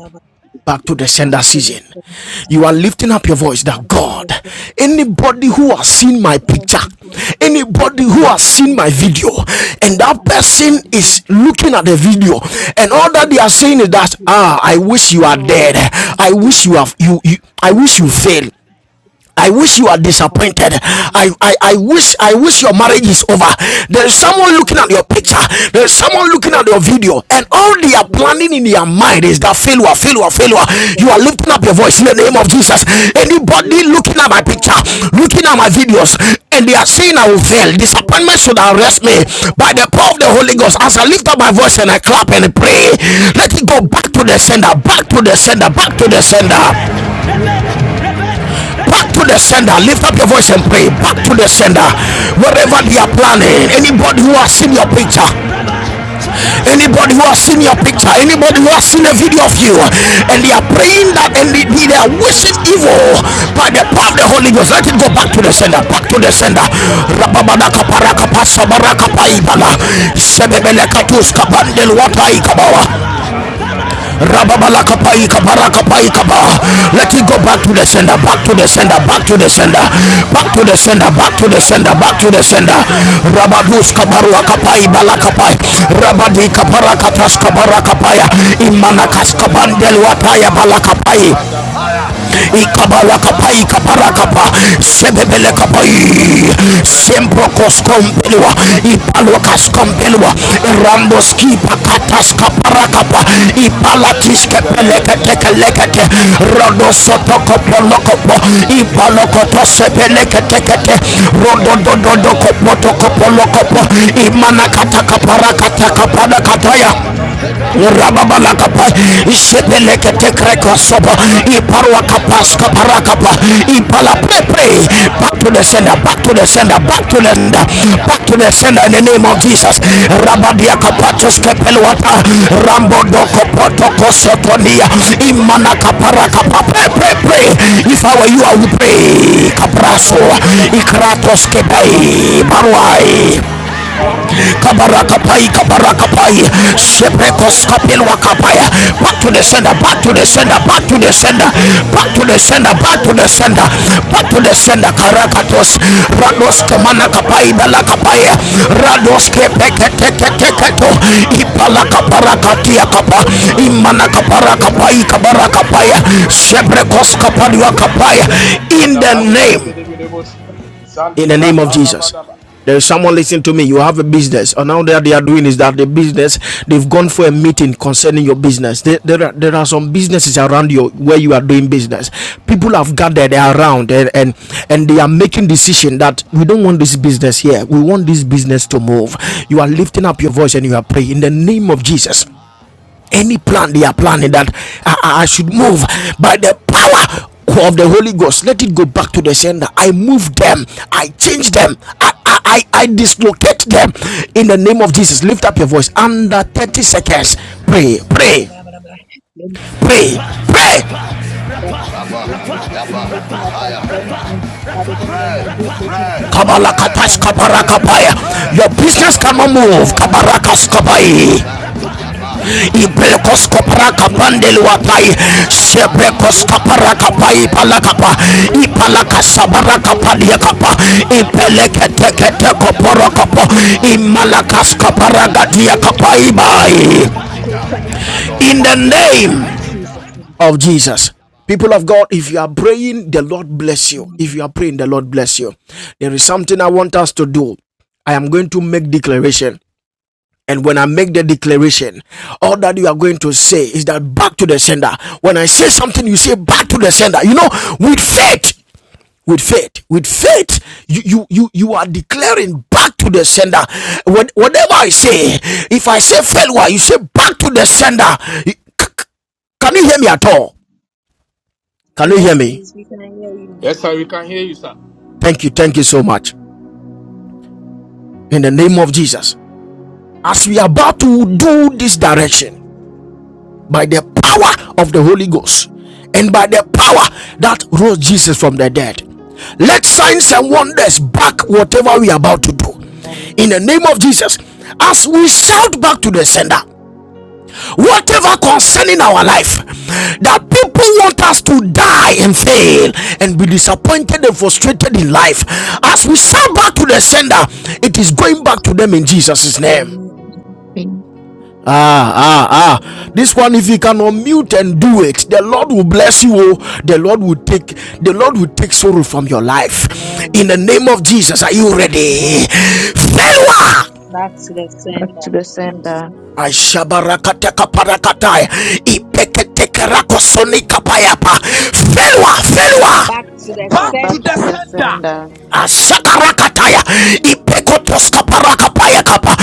A: back to the sender season. You are lifting up your voice that God, anybody who has seen my picture, anybody who has seen my video, and
C: As
A: that
C: I've seen
A: person
C: my video,
A: is looking at the
C: I
A: video, and all
C: definitely
A: that they
C: can
A: are saying
C: that
A: is that
C: video.
A: ah, I wish you are
C: Oh,
A: dead. I wish
C: mercy,
A: you have you, you I wish you fail. I wish you are disappointed. I, I, I wish I wish your marriage is over. There's someone looking at your picture. There's someone looking at your video, and all they are planning in their mind is that failure, failure, failure. You are lifting up your voice in the name of Jesus. Anybody looking at my picture,
C: mercy.
A: looking at my videos,
C: Jesus,
A: and they are saying I will fail.
C: Thank
A: Disappointment should arrest me by the power of the Holy Ghost. As I lift up my voice and I clap and pray, let it go back to the sender, back to the sender, back to the sender back to the sender lift up your voice and pray back to the sender wherever they are planning
C: you.
A: anybody who has seen
C: So
A: your
C: we
A: picture
C: want to come and have a
A: anybody who has seen
C: sacrifice
A: your
C: of
A: picture anybody who has seen
C: sacrifice.
A: a video of you and they
C: my
A: are
C: friends
A: praying that
C: are on
A: and they,
C: busy.
A: they are
C: They
A: wishing
C: got that
A: evil by
C: thing
A: the power of the holy ghost let it
C: for
A: go back to the sender
C: waiting
A: back to
C: for
B: Kalabarasa
A: the
B: de
A: sender
C: that
B: Brega de
C: everything
B: Balabala
C: that
A: Rababadaka
C: is in
A: paraka
C: your
B: Balabalaba.
C: picture
A: pasabaraka
C: that
A: paibala.
C: they are
B: Rekapalabadosha de
C: waiting
A: Sebebeleka
C: for this day,
B: Brecamalabadasha de
C: that
A: watai
C: they are waiting
B: Brecatapa.
A: kabawa.
C: for the husband
B: Kadi
C: to come,
B: Valele
C: that they are waiting for
B: Velevadosha de
C: their
A: Rababalakapai
B: Bra.
C: education.
A: kabarakapai
B: Imadi
A: kaba.
B: Brasta
C: to
B: de
A: Let it
B: Velega
A: go
B: de
A: back to the
C: come.
B: Pati.
A: sender,
C: Yeah,
A: back to the
C: what
B: Paragada
A: sender, back
B: Valega
A: to
B: de
A: the sender,
C: if
B: Vanogodopolo
A: back to the
B: Vados.
A: sender,
C: I
A: back
C: get
A: to the
C: close?
B: Zade
C: I
A: sender, back
C: come
A: to
C: back
A: the
B: Brecadi
C: to
A: sender.
C: sender. I
B: Bracomalabadasha
C: come
A: Rabadus
B: de
C: back
B: Bra.
C: to
A: kabarua
C: sender.
A: kapai
B: Lika
C: I
A: balakapai.
C: come back
B: Balabalabala
C: to
B: Brabada
C: sender.
A: Rabadi
C: Yeah,
A: kabarakatas
C: ba
B: Balabalabala.
C: ba ba ba.
A: kabarakapaya.
C: Yeah, ba
A: Imanakas
C: ba ba.
A: kabandel
C: Sender.
A: wataya
B: Jalelebelelebelebelebelos.
A: balakapai
B: Zadabra kobalabada
A: ikabala
B: zadebre.
A: kapai kapara
B: Zado
C: Yeah,
A: kapa
C: ba
B: bolo
C: ba ba
B: godo
C: ba.
B: bro godo
C: Sender.
A: sebebele
C: I
B: bolo
C: will
B: dodo
C: go
A: kapai
B: bolo ba.
C: sender.
B: Rekete
A: sempro
C: Let
B: pre
C: my daughter,
B: rabado
C: I
B: dodo
A: koskompelwa
C: will
B: bolo
C: go
B: ba.
C: sender.
A: ipalo
B: Zandabra.
C: What
A: kaskompelwa
B: Rekete
C: if I get
B: pregede pregede
C: close?
A: rambos kipa
B: pregede pregede
C: What if
A: katas
B: pregede
C: I be
B: pregede
C: still
A: kapara kapa
C: concerning my life?
A: ipala tiske
B: bala, Allah
C: Wherever they
A: pelekete kelekete
B: Jalalabalagalabalagalabalaba.
A: rodo
C: think,
A: soto kopolo kopo
B: Makumalabadi.
A: lokopo ipalo koto sepelekete kete
B: Zadebrekolabadigadabalagadaba.
A: rodo dodo do kopo to kopo lokopo imana
B: Alalabarasandebrokolebrogodabrogodabrogodaba.
A: kata kapara kata kapara kataya
B: Zadebrekalabadigadabalagadabalosa.
A: rababalakapa
B: Imakumalabadasa. Zadibalagadabra.
A: isepeleketekrekosobo iparwakapaska parakapa impala
B: Rakatibrakotopodabadabalagadabalagadabalagadabe.
A: prepre back to the sender back
B: Shabalabalabalabadasa.
A: to the sender back to the sender back
B: Zadabrakolamalabadasa.
A: to the sender in the name of jesus
B: Zadibalagadabalagadaba.
A: rabadiakapatoskepeluata
B: Ubala bala bragoda bala bala bala bala.
A: rambodokopotokosotonia
B: Gandala bala bala bala.
A: imanakaparakapa pray
B: Zada
C: Thank
A: pray
C: you.
A: pray
B: brakola bala bala.
A: if i were
B: Lika
A: you i
B: bala
A: would
B: bala
A: pray
C: Back
A: kapraso
C: to
B: bala bala. Zaba bala Rabala bala.
A: ikratoskepei
B: Zada bala bala bala bala bragoda
A: barwai
B: bala. Ragoda zada
A: kabarakapai
B: bragoda bala
A: kabarakapai
B: bala bala.
C: sender, back
B: Ima
C: to
B: kuma
C: sender,
B: bala
C: back to
B: bala
A: sepekoskapelwa
B: bala.
C: sender,
A: kapaya
B: Zada
C: back
A: back
C: to
A: to the
C: sender,
B: bala
A: sender
C: back
A: back
B: bala
C: to
A: to the
B: bala bala
C: sender,
B: bala.
A: sender
C: back
B: ba.
C: to
A: back to the
C: sender.
B: Zada
A: sender
C: Le
B: bala bala
C: ba ba
A: back
C: ba
A: to
C: ba,
A: the sender back
C: le
A: to
B: bala bala
C: ba
A: the
C: ba
B: bala
C: ba
A: sender
C: ba,
B: bala bala bala.
A: back
C: la
A: to
C: ba
A: the
C: ba ba ba
A: sender
C: ba, ba ba,
A: karakatos
C: le ba
A: rados
C: zira ba
A: kemana
C: ba ba ba,
A: kapai
C: shanda
A: bala
C: ba
B: Lebalabalabalabalabalaba.
C: ba,
A: kapaya
C: le ba ba ba
A: rados
C: ba ba ba,
B: Rakudobodomosha.
C: ha ba ba
B: Lima
C: ba
B: no
A: kepeketeketeketo
C: ba
B: no
C: ba,
B: no
C: shanda
B: koto
C: ba
A: ipala
B: polebe de bele bele
A: kaparakatia
B: bele
A: kapa
C: le
B: bele bele
C: ma ma
B: bele
C: ma
B: bele.
A: imana
C: zira ba ba ba ba,
B: Zade
A: kaparakapai
C: ba
B: brega
C: ba,
B: da
C: la
B: praga
A: kabarakapaya
B: da
C: ba ba ba
B: praga
C: ba,
B: da praga da praga da
A: sebrekoskapaliwa
B: baka da ba.
A: kapaya
C: Whatever my
A: in
B: Zada
A: the
B: vale
A: name
B: bele
C: protectors
B: bele
C: can
B: bele bosh.
C: understand.
A: in
B: Zandi
A: the
B: vra
A: name of
B: kalaba
A: Jesus.
B: da ba.
A: There is someone listening to me. You have a business, and now that they are doing is that the business they've gone for a meeting concerning your business. There, there, are, there are some businesses around you where you are doing business. People have gathered around and, and and they are making decision that we don't want this business here. We want this business to move. You are lifting up your voice and you are praying in the name of Jesus
C: Mhm.
A: any plan they are planning
C: See,
A: that I, I should move by the power of the Holy Ghost. Let it go back to the sender. I move them. I change them. I, I, I, dislocate them in the name of Jesus. Lift up your voice under 30 seconds. Pray, pray,
C: whatever
A: pray, pray.
C: my business is even looking like I'm going and I don't want my big business to like eh, but
A: Kabalakatash
C: I'm a mighty more
A: kabarakapaya.
C: people.
A: Your
C: Baba
A: business
C: the
A: cannot
C: ghost and
A: move.
C: Baba Baba. Le
A: Kabarakaskabai. Ibrekos kopraka
C: Baba
A: pandeli
C: Baba the
A: watai
C: ghost and Baba. Le
A: Shebrekos
C: Baba.
A: kapara
C: La
A: kapa
C: Baba Baba.
A: ipalakapa
C: Le Baba Baba.
A: Ipalaka
C: Baba.
A: sabara
C: Le
A: kapa
C: Baba
A: liya
C: Baba.
A: kapa
C: Baba. Le Baba
A: Ipeleke
C: Baba
A: teke teko
C: In
A: poro kapo Imalakas kapara gadia kapa ibai In the name
C: Jesus' name.
A: of Jesus People of God, if you are praying, the Lord bless you. If you are praying, the Lord bless you. There is something I want us to do. I am going to make declaration. And when I make the declaration, all that you are going to say is that back to the sender. When I say something, you say back to the sender. You know, with faith, with faith, with faith, you you you, you are declaring back to the sender. When whatever I say, if I say failure, you say back to the sender. Can you hear me at all? Can you hear
C: Yes,
A: me?
C: please, we can hear you.
B: Yes, sir, we can hear you, sir.
A: Thank you, thank you so much. In the name of Jesus, as we are about to do this direction by the power of the Holy Ghost and by the power that rose Jesus from the dead. Let signs and wonders back whatever we are about to do.
C: Amen.
A: In the name of Jesus, as we shout back to the sender, whatever concerning our life that people want us to die and fail and be disappointed and frustrated in life, as we shout back to the sender, it is going back to them in Jesus' name.
C: Amen.
D: In
A: Ah, ah, ah. This
C: Amen.
A: one, if you can unmute and do it, the Lord will bless you. Oh, the Lord will take the Lord will take sorrow from your life.
C: Amen.
A: In the name of Jesus, are you
E: Back
A: ready?
C: Yes.
A: Failure.
C: Back to the
D: back
C: sender.
D: to the sender,
A: I shabarakateka parakatai. Ipeketekerakosonikapayapa. Failure,
E: to
A: failure.
E: the
C: The
B: Back
E: sender.
B: to
D: back
B: the
D: to
C: sender.
D: the
B: sender.
D: sender,
A: Ashakarakataya. Ipekotoska parakapaya kapa.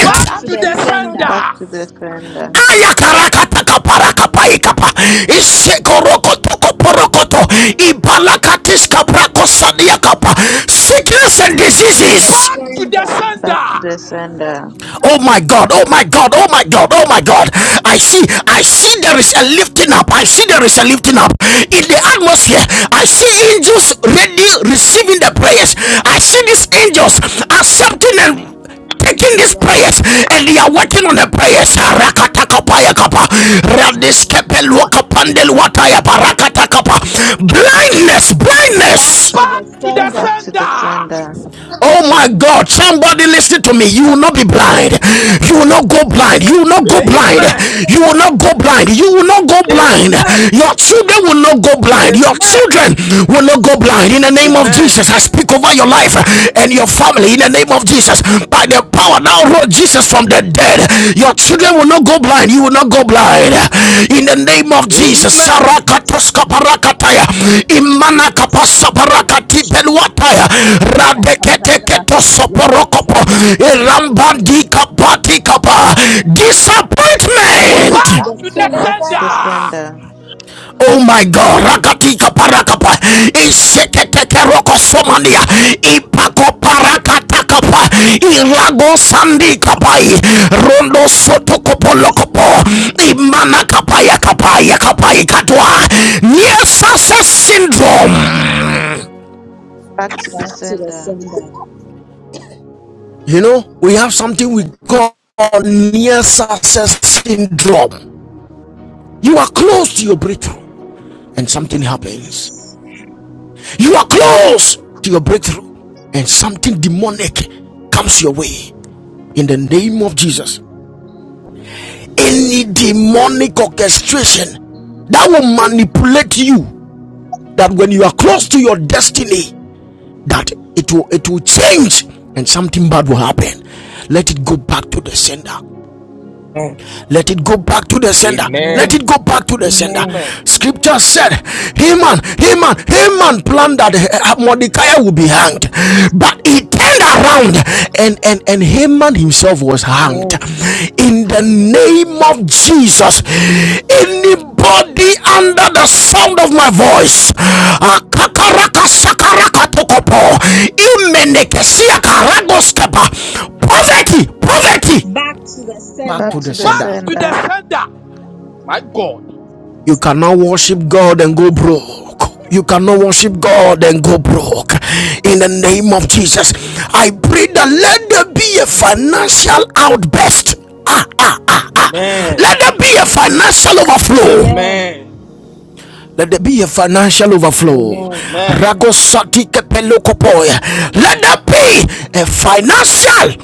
C: Back
E: Back
B: to the
E: to the
B: sender.
C: to
D: back
E: sender.
D: to the sender,
A: aya karakataka parakapaikapa isekorokotoko porokoto ibalakatiska prakosaniakapa sickness and
C: the
E: Back
A: diseases
B: Back
E: to the
B: to the
E: sender.
D: back to the
B: sender.
D: sender,
A: Oh my God, oh my God, oh my God, oh my God. I see, I see there is a lifting up. I see there is a lifting up in the atmosphere. I see angels ready receiving the prayers. I see these angels accepting and taking
C: yes,
A: these
C: Lord.
A: prayers and they are
C: Yes,
A: working on the
C: Lord.
A: prayers. Rakatakapayakapa, radiskepeluakapandeluataya, parakata- Blindness,
C: Back
A: blindness
C: to
B: Back
C: the
B: to
E: To
B: the
C: sender.
D: back to the sender,
B: sender.
A: Oh my God, somebody listen to me. You will not be blind.
C: Not a big
A: You will not go
C: line.
A: blind. You will not
C: Not a
A: go
C: big line.
A: blind.
B: Amen.
C: Not a
A: You
C: big
A: will not go blind. You will
C: line.
A: not go
C: Not a
A: blind.
C: big
B: Amen.
C: line.
A: Your children will not go blind. Your
B: Amen.
A: children will not go
C: Jesus.
A: blind. In the name of
B: Amen.
A: Jesus,
C: Jesus.
A: I speak over your life
D: Amen.
A: and your family. In the name of Jesus, by the power now, Lord Jesus Jesus from the dead. Your children will not go blind. You will not go blind. In the
F: Amen.
C: I will
A: name of
C: not
A: Jesus.
B: Amen.
A: Sarakatoska
C: Back
A: parakataya. Imana kapasa parakati peluataya. Radekete keto soporokopo. kapati kapa. Disappointment.
C: to
B: Back
E: Back
C: the
B: to
E: to the
C: sender.
F: Back
D: back
B: the
D: to
F: to
D: the
F: the
E: sender.
B: sender.
F: sender.
D: sender,
A: Oh my God, rakatika parakapa, iseketeke roko somania, ipako parakata kapa, irago sandi kapai, rondo soto kopo lokopo, imana kapaya kapaya kapai katwa, near success syndrome.
D: back to the
C: Back to the
D: sender,
C: sender.
A: You know, we have
E: To the
A: something we
E: sender.
A: call near success syndrome. You are close to your breakthrough and something happens You are close to your breakthrough, and something demonic comes your way in the name of
E: Mm,
A: Jesus. Any demonic
E: mm,
A: orchestration that will manipulate you that when you are close to your destiny, that it will it will change and something bad will happen. Let it go back to the sender.
E: mm,
A: let it go back to the sender
E: mm,
A: let
B: Amen.
C: Amen.
A: it go back to the sender
C: Amen.
B: Amen.
F: Amen.
A: scripture said haman haman haman planned that uh, mordecai would be hanged
C: Yes.
A: but he turned around and and and haman himself was hanged
C: Yes.
A: in the name of jesus anybody under the sound of my voice
E: mm, mm,
A: uh,
F: Jesus
A: poverty poverty
C: Back to the
A: back
D: back
C: sender.
A: to
D: to
A: the
D: the
B: Back
A: sender
B: to the
D: sender,
B: sender.
F: sender.
B: My God.
A: You cannot worship God and go broke. You cannot worship God and go broke. In the name of Jesus, I pray that let there be a financial outburst. Ah, ah, ah, ah.
B: Amen.
A: Let there be a financial
C: Amen.
A: overflow.
B: Amen.
A: Let there be a financial overflow.
C: Amen.
B: Amen.
A: Ragosati kepelokopoya. Let there be a financial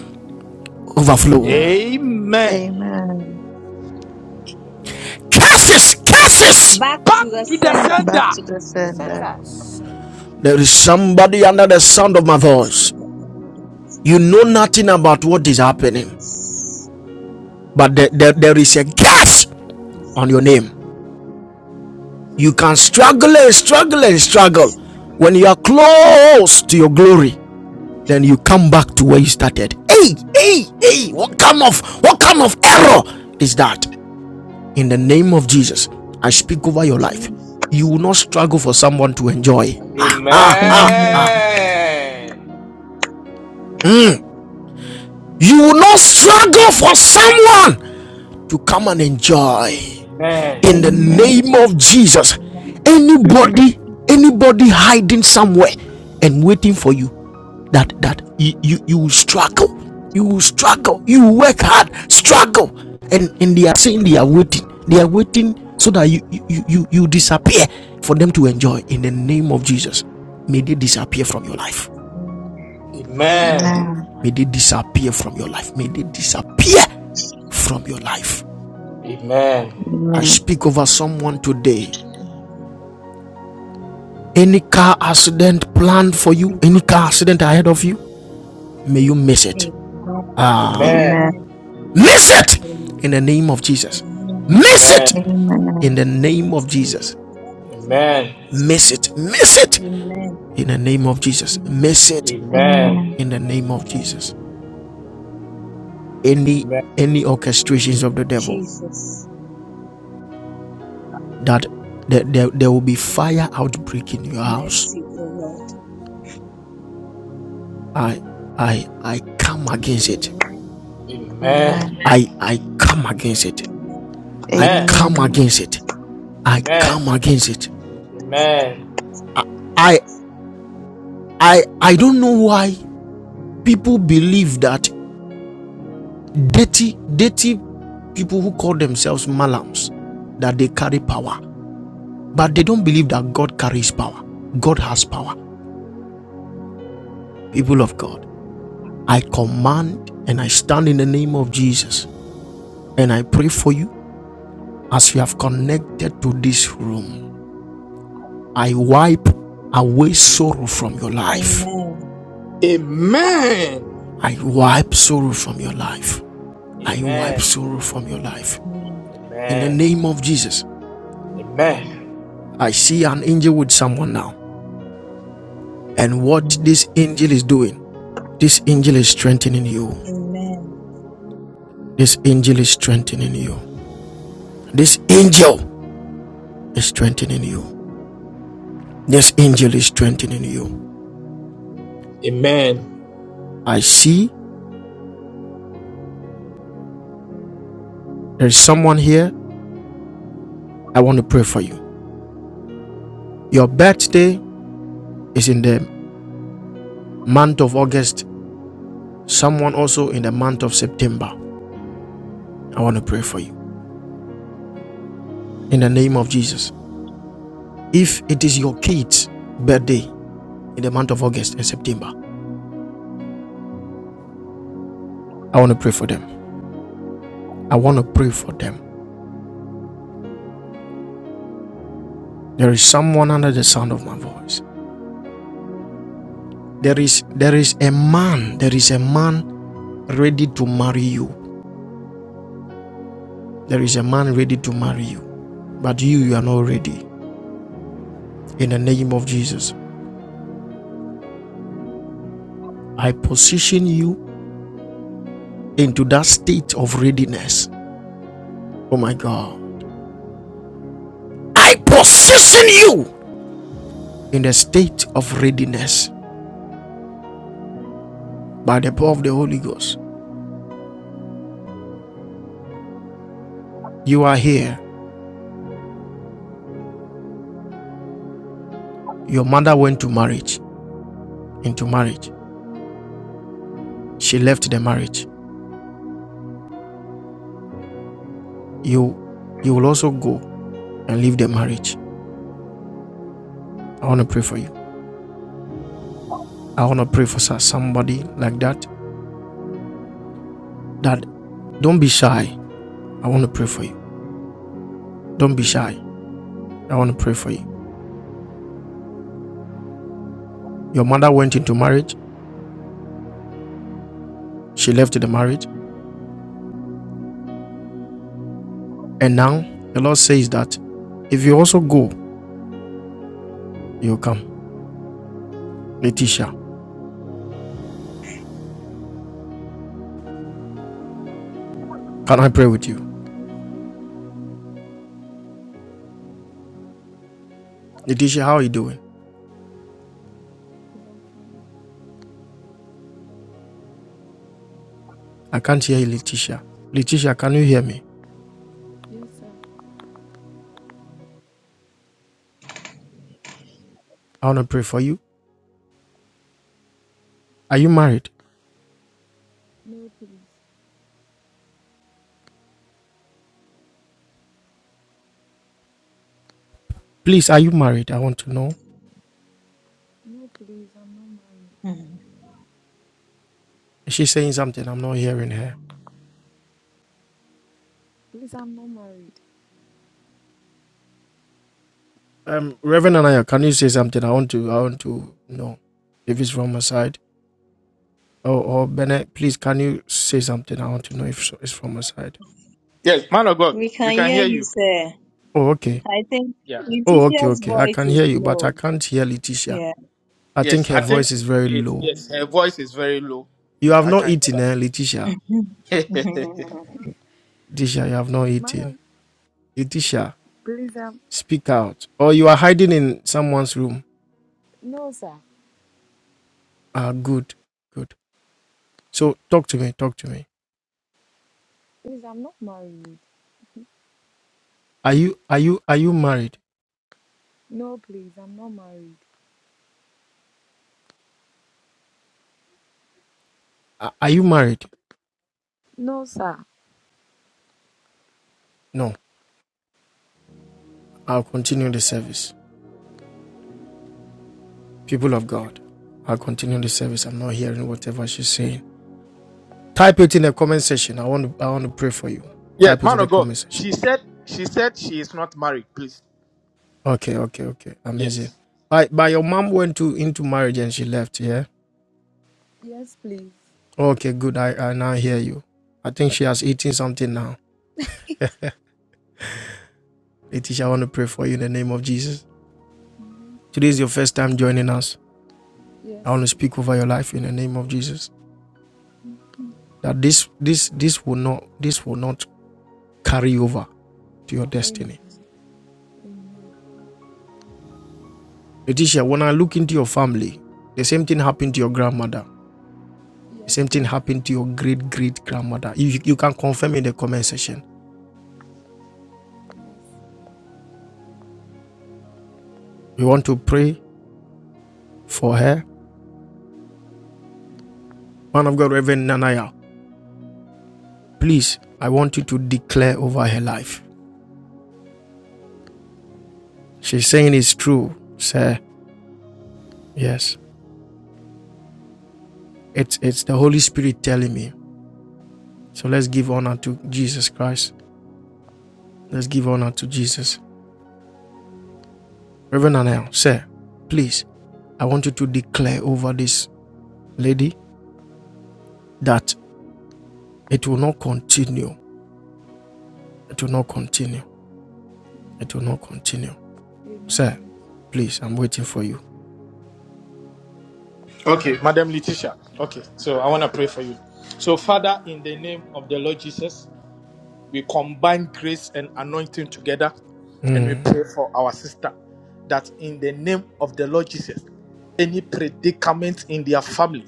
A: overflow.
C: Amen.
E: mm,
B: Amen.
F: Amen.
D: amen,
A: Curses, curses.
C: Back to
B: Back
C: the
B: to the
C: sender.
D: back
B: sender.
D: to the
E: The
F: Back
D: sender,
F: to
E: sender.
F: the sender.
A: There is somebody under the sound of
C: If
A: my
C: it's
A: voice.
C: not that bad, but if it's not
A: You know
C: that bad,
A: nothing about what is happening,
C: yes.
A: but there, there, there is a gas
C: If
A: on your
C: it's
A: name. You can struggle and struggle and struggle.
C: Jesus,
A: When you are close to your glory, then you come back to where you started. Hey, hey, hey, what kind of what kind of error is that? In the name of Jesus, I speak over your life. You
C: Jesus,
A: will not struggle for someone to enjoy.
C: Master,
F: Amen.
D: amen,
B: Amen.
A: You will not struggle for someone to come and enjoy.
B: Amen.
A: in the
F: Amen.
D: amen,
A: name of Jesus. Anybody, anybody hiding somewhere and waiting for you, that that you you, you will struggle, you will struggle, you will work hard, struggle, and and they are saying they are waiting, they are waiting so that you you you, you disappear for them to enjoy. In the name of Jesus, may they disappear from your life.
C: Amen,
F: Amen.
B: Amen.
D: amen,
A: May they disappear from your life. May they disappear from your life.
C: Amen,
B: Amen.
A: I
D: amen,
A: speak over someone today
E: Mm,
A: Any car accident planned for you, any car
C: Jesus,
A: accident ahead of you, may you miss it.
C: Amen,
B: Amen.
F: Amen.
D: amen,
C: Amen,
A: Miss it
C: Amen,
A: in the name of Jesus.
F: Amen.
C: Amen,
A: Miss
B: Amen.
A: it
C: Amen.
A: in
D: amen,
A: the
C: I want
A: name
C: to
A: of
C: thank you
A: Jesus.
C: for that. Thank
B: Amen.
C: you, Jesus.
A: Miss it. Miss it
C: Amen,
A: in the name of Jesus.
C: Amen,
A: Miss it
B: Amen.
D: amen,
A: in the name of
C: Amen,
A: Jesus. Any
B: Amen.
A: any orchestrations of the devil
C: Jesus,
A: that there, there, there will be fire outbreak in your house.
C: mercy, O Lord,
A: I I I come against it.
C: Amen,
D: amen,
A: I I come against it.
C: Amen,
A: I
F: Amen.
B: Amen.
A: come
D: amen,
A: against it. I
F: Amen.
B: Amen.
A: come against it.
B: Amen.
A: I I I don't know why people believe that dirty dirty people who call themselves malams that they carry power, but they don't believe that God carries power. God has power. People of God, I command and I stand in the name of Jesus and I pray for you as you have connected to this room. I wipe away sorrow from your life.
C: Amen,
B: Amen.
A: I wipe sorrow from your life. I wipe
B: Amen.
A: sorrow
F: Amen.
A: from your life.
C: Amen,
A: In the
B: Amen.
A: name of Jesus,
B: Amen.
A: I see an angel with someone now. And what this angel is doing, this angel is strengthening you.
C: Amen.
A: This angel is strengthening you. This angel is strengthening you. This angel is strengthening you.
B: Amen.
A: I see there is someone here. I want to pray for you. Your birthday is in the month of August, someone also in the month of September. I want to pray for you in the name of Jesus. If it is your kid's birthday in the month of August and September, I want to pray for them. I want to pray for them. There is someone under the sound of my voice. There is there is a man, there is a man ready to marry you. There is a man ready to marry you. But you you are not ready. In the name of Jesus, I position you into that state of readiness. Oh my God. I position you in the state of readiness by the power of the Holy Ghost. You are here. Your mother went to marriage, into marriage. She left the marriage. you you will also go and leave the marriage. I want to pray for you. I want to pray for somebody like that. That don't be shy. I want to pray for you. Don't be shy. I want to pray for you. Your mother went into marriage. She left the marriage, and now the Lord says that if you also go, you will come. Letitia, can I pray with you?
F: Yes, sir.
A: Letitia, how are you doing?
F: Please, I'm fine.
A: I can't hear you, Letitia. Letitia, can you hear me?
F: Yes, sir.
A: I want to pray for you. Are
F: No,
A: you
F: please.
A: married?
F: No, please.
A: Please, are you married? I want to know.
F: No, please. I'm not married.
C: Mm.
A: Is she saying something? I'm not hearing her.
F: Please, I'm not married.
A: Um, Reverend Anaya, can you say something? I want to, I want to know if it's from her side. Or, or Bennett, please, can you say something? I want to know if so- it's from her side.
B: Yes, man of God,
C: We
B: we
C: can
B: can
C: hear
B: hear
C: you,
B: you.
C: sir.
A: Oh, okay.
C: I think
B: Yeah.
A: Oh, okay,
C: Letitia's
A: okay. I
C: voice
A: can
C: is
A: hear you, but
C: low.
A: I can't hear Letitia.
C: Yeah.
A: I
B: Yes,
A: think her
B: I think
A: voice is very
B: it's,
A: low.
B: yes, her voice is very low.
A: You
B: We,
A: have
B: I
A: not
B: can hear
A: eaten, eh, Letitia?
B: that.
A: Letitia, you have not eaten.
F: Madam,
A: Letitia,
F: please, I'm.
A: speak out. Or you are hiding in someone's room.
F: No, sir.
A: Ah, good, good. So talk to me, talk to me.
F: Please, I'm not married.
A: Are you, are you, are you married?
F: No, please. I'm not married.
A: Are are you married?
F: No, sir.
A: No. I'll continue the service. People of God, I'll continue the service. I'm not hearing whatever she's saying. Type it in the comment section. I want to, I want to pray for you.
B: yes,
A: Type it in
B: man
A: the
B: of God,
A: comment section.
B: she said she said she is not married. Please.
A: Okay, okay, okay. Amazing.
B: Yes.
A: But but your mom went to into marriage and she left, yeah?
F: Yes, please.
A: Okay, good. I, I now hear you. I think she has eaten something now. Letitia, I want to pray for you in the name of Jesus. Today is your first time joining us. I want
F: Yes,
A: to
F: please.
A: speak over your life in the name of Jesus. That this this this will not this will not carry over to your destiny.
F: Amen. Amen.
A: Letitia, when I look into your family, the same thing happened to your grandmother. The same
F: Yes,
A: thing
F: please.
A: happened to your great great grandmother. You, you can confirm in the comment section. We want to pray for her. Man of God, Reverend Nanaya, please, I want you to declare over her life. She's saying it's true, sir. Yes. It's, it's the Holy Spirit telling me. So let's give honor to Jesus Christ. Let's give honor to Jesus. Reverend Nanaya, sir, please, I want you to declare over this lady that It will not continue. It will not continue. It will not continue. Sir,
F: Amen.
A: please, I'm waiting for you.
B: Okay, Madam Letitia. Okay, so I want to pray for you. So,
F: Amen.
B: Father, in the name of the Lord Jesus. We combine grace and anointing together and we pray for our sister that in the name of the Lord Jesus, any predicament in their family,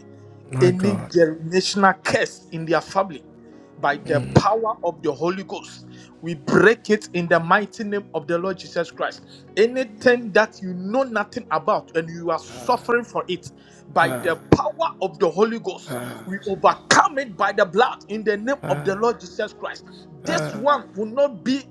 A: My
B: any
A: God.
B: generational curse in their family by the
F: Jesus.
B: power of the Holy Ghost. We break it in the mighty name of the Lord Jesus Christ.
F: Amen.
B: Anything that you know nothing about and you are suffering for it, by
F: Jesus.
B: the power of the Holy Ghost, we
F: Jesus.
B: overcome it by the blood in the name of the Lord Jesus Christ. This
F: Amen.
B: one will not be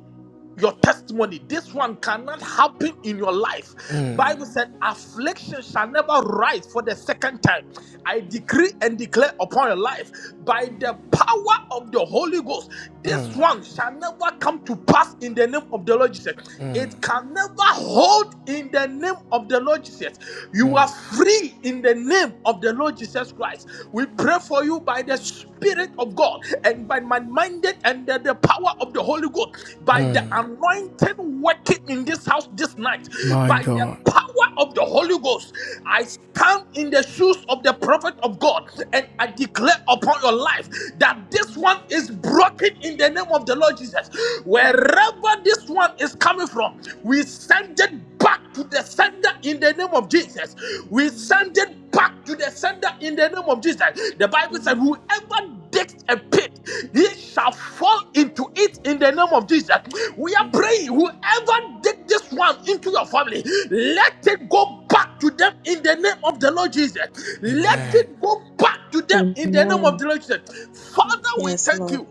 B: your testimony this one cannot happen in your life bible
F: Amen.
B: said affliction shall never rise for the second time i decree and declare upon your life by the power of the holy ghost this
F: Amen.
B: one shall never come to pass in the name of the lord jesus it can never hold in the name of the lord jesus you are free in the name of the lord jesus christ we
F: Amen.
B: pray for you by the Spirit of God and by my minded and the, the power of the Holy Ghost, by the anointing working in this house this night,
A: My
B: by the
A: God.
B: power of the Holy Ghost, I stand in the shoes of the prophet of God and I declare upon your life that this
F: Amen.
B: one is broken in the name of the Lord Jesus. Wherever
F: Amen.
B: this one is coming from, we send it back to the sender in the name of Jesus. We send
F: Amen.
B: it back to the sender in the name of Jesus. The Bible said,
F: Amen.
B: Whoever digs a pit, he shall fall into it in the name of Jesus. We are praying, whoever dig this one into your family, let it go back to them in the name of the Lord Jesus.
F: Amen.
B: Let it
A: Amen.
F: Amen.
B: go back to them in the name of
C: Amen.
B: the Lord Jesus. Father,
F: Amen.
B: we
C: Yes,
B: thank
C: Lord.
B: you.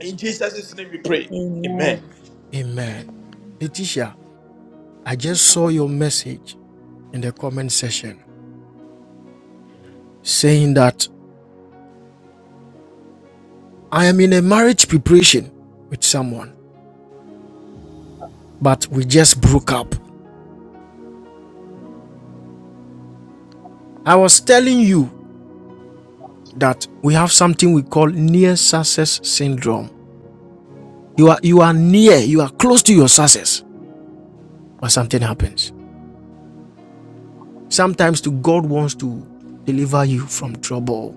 B: In Jesus' name we pray. Amen.
C: Amen.
A: Amen.
F: Amen.
A: Letitia, I
F: Yes,
A: just
F: sir.
A: saw your message in the comment section saying that I am in a marriage preparation with someone, but we just broke up. I was telling you that we have something we call near success syndrome. You are you are near, you are close to your success, but something happens. Sometimes to God wants to deliver you from trouble.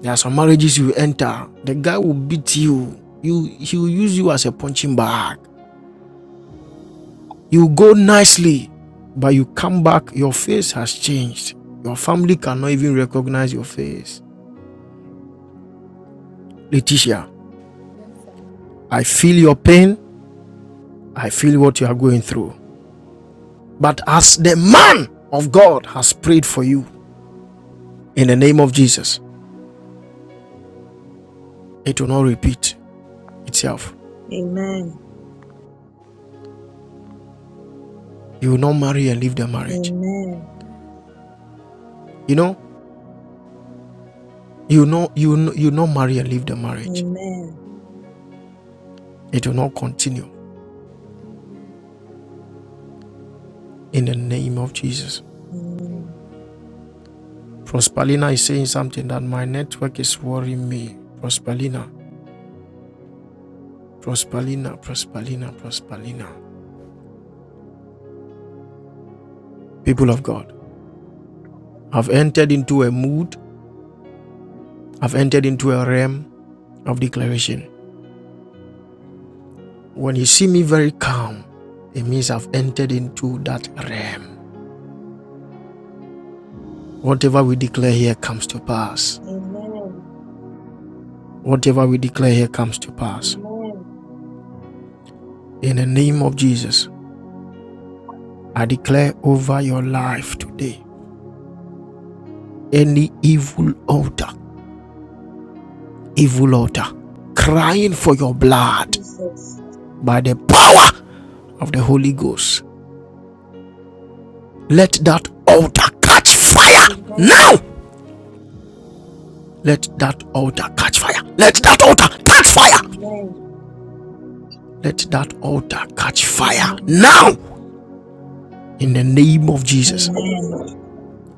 A: There are some marriages you enter, the guy will beat you. You he will use you as a punching bag. You go nicely, but you come back, your face has changed. Your family cannot even recognize your face. Letitia,
F: Yes, sir.
A: I feel your pain. I feel what you are going through. But as the man of God has prayed for you in the name of Jesus, it will not repeat itself.
C: Amen.
A: You will not marry and leave the marriage.
C: Amen.
F: Amen.
A: You know, You know, you know, you know, marry and leave the marriage.
C: Amen.
F: Amen.
A: It will not continue
F: Amen.
A: in the name of Jesus.
C: Amen.
F: Amen.
A: Prospalina is saying something that my network is worrying me. Prospalina, Prospalina, Prospalina, Prospalina. People of God, I've entered into a mood, I've entered into a realm of declaration. When you see me very calm, it means I've entered into that realm. Whatever we declare here comes to pass.
C: Amen.
A: Whatever we declare here comes to pass.
C: Amen.
A: In the name of Jesus, I declare over your life today any evil altar, evil altar, crying for your blood
C: Jesus.
A: by the power of the Holy Ghost. Let that altar catch fire
C: Amen.
A: now. Let that altar catch fire. Let that altar catch fire.
C: Amen.
A: Let that altar catch fire
C: Amen.
A: now. In the name of Jesus,
C: Amen.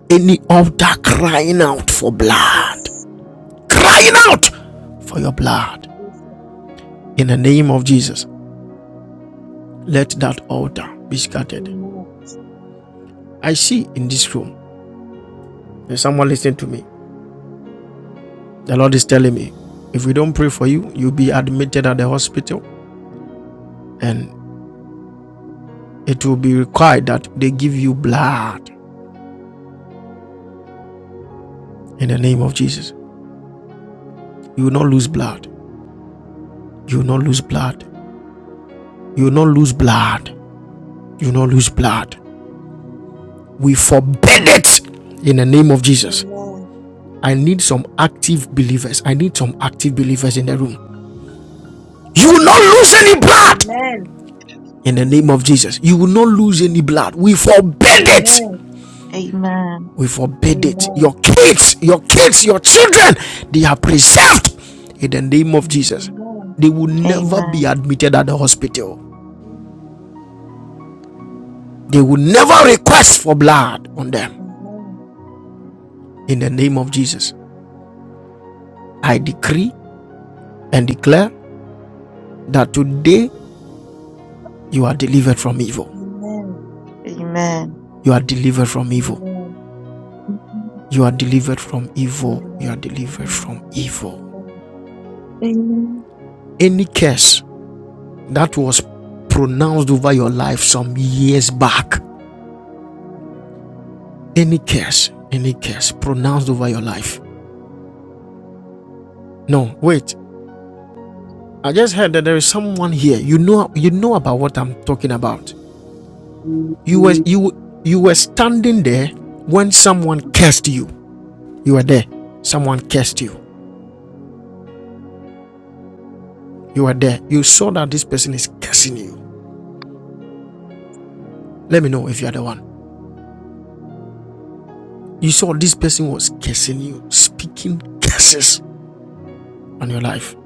A: any altar crying out for blood,
C: Jesus.
A: crying out for your blood.
C: Jesus.
A: In the name of Jesus, Let that altar be scattered.
C: Amen.
A: I see in this room, there's someone listening to me. The Lord is telling me, if we don't pray for you, you'll be admitted at the hospital and it will be required that they give you blood in the name of Jesus. You will not lose blood. You will not lose blood. You will not lose blood. You will not lose blood. We forbid it in the name of Jesus.
C: Amen.
A: I need some active believers. I need some active believers in the room. You will not lose any blood
C: Amen.
A: in the name of Jesus. You will not lose any blood. We forbid it.
C: Amen.
D: amen,
A: We forbid it. Your
C: Amen.
A: kids, your kids, your children, they are preserved in the name of Jesus.
C: Amen.
A: They will never be
D: amen,
A: admitted at the hospital.
F: Amen.
A: They will never request for blood on them
C: Amen.
A: in the name of Jesus. I decree and declare that today you are delivered from evil.
C: Amen.
D: amen.
A: You are delivered from evil.
C: Amen.
A: You are delivered from evil. You are delivered from evil.
D: Amen.
A: Any curse that was pronounced over your life some years back. Any curse, any curse pronounced over your life. No, wait. I just heard that there is someone here. You know, you know about what I'm talking about. You were you you were standing there when someone cursed you. You were there. Someone cursed you. You were there. You saw that this person is cursing you. Let me know if you are the one. You saw this person was cursing you, speaking curses on your life.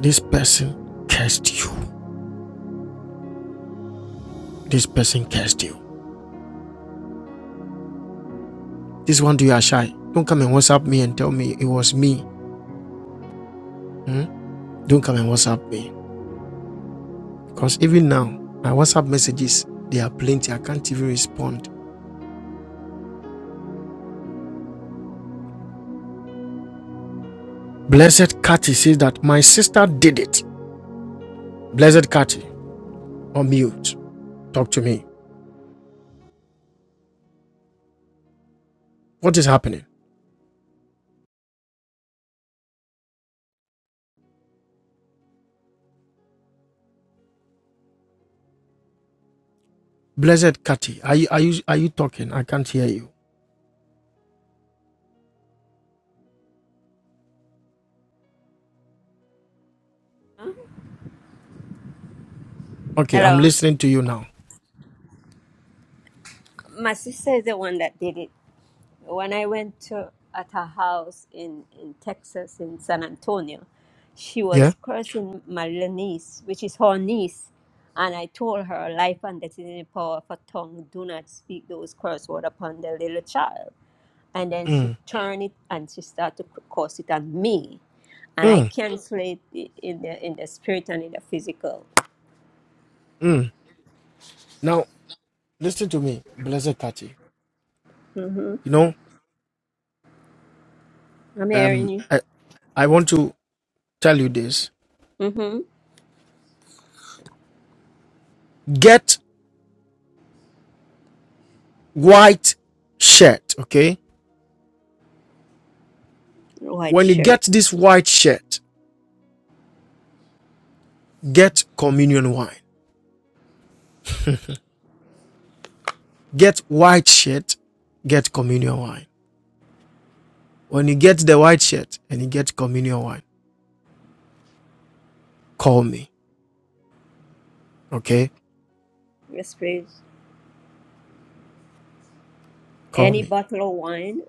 A: This person cursed you This person cursed you. This one, do you are shy. Don't come and WhatsApp me and tell me it was me. Hmm? Don't come and WhatsApp me. Because even now, my WhatsApp messages, they are plenty. I can't even respond. Blessed Cathy says that my sister did it. Blessed Cathy, on mute. Talk to me. What is happening? Blessed Cathy, are you, are you are you talking? I can't hear you. Okay, I'm
G: Hello.
A: listening to you now.
G: My sister is the one that did it. When I went to at her house in, in Texas in San Antonio, she
A: Yeah?
G: was cursing my little niece, which is her niece, and I told her life and death is in the power of a tongue, do not speak those curse words upon the little child. And then she
A: Mm.
G: turned it and she started to curse it at me. And I
A: Mm.
G: cancel it in the in the spirit and in the physical.
A: Mm. Now, listen to me, Blessed Cathy.
G: Mm-hmm.
A: You know,
G: I'm hearing
A: um
G: you.
A: I, I want to tell you this.
G: Mm-hmm.
A: Get white shirt, okay?
G: White
A: When you
G: shirt.
A: get this white shirt, get communion wine. Get white shirt, get communion wine. When you get the white shirt and you get communion wine, call me, okay?
G: Yes, please.
A: Call
G: Any
A: me.
G: bottle of wine,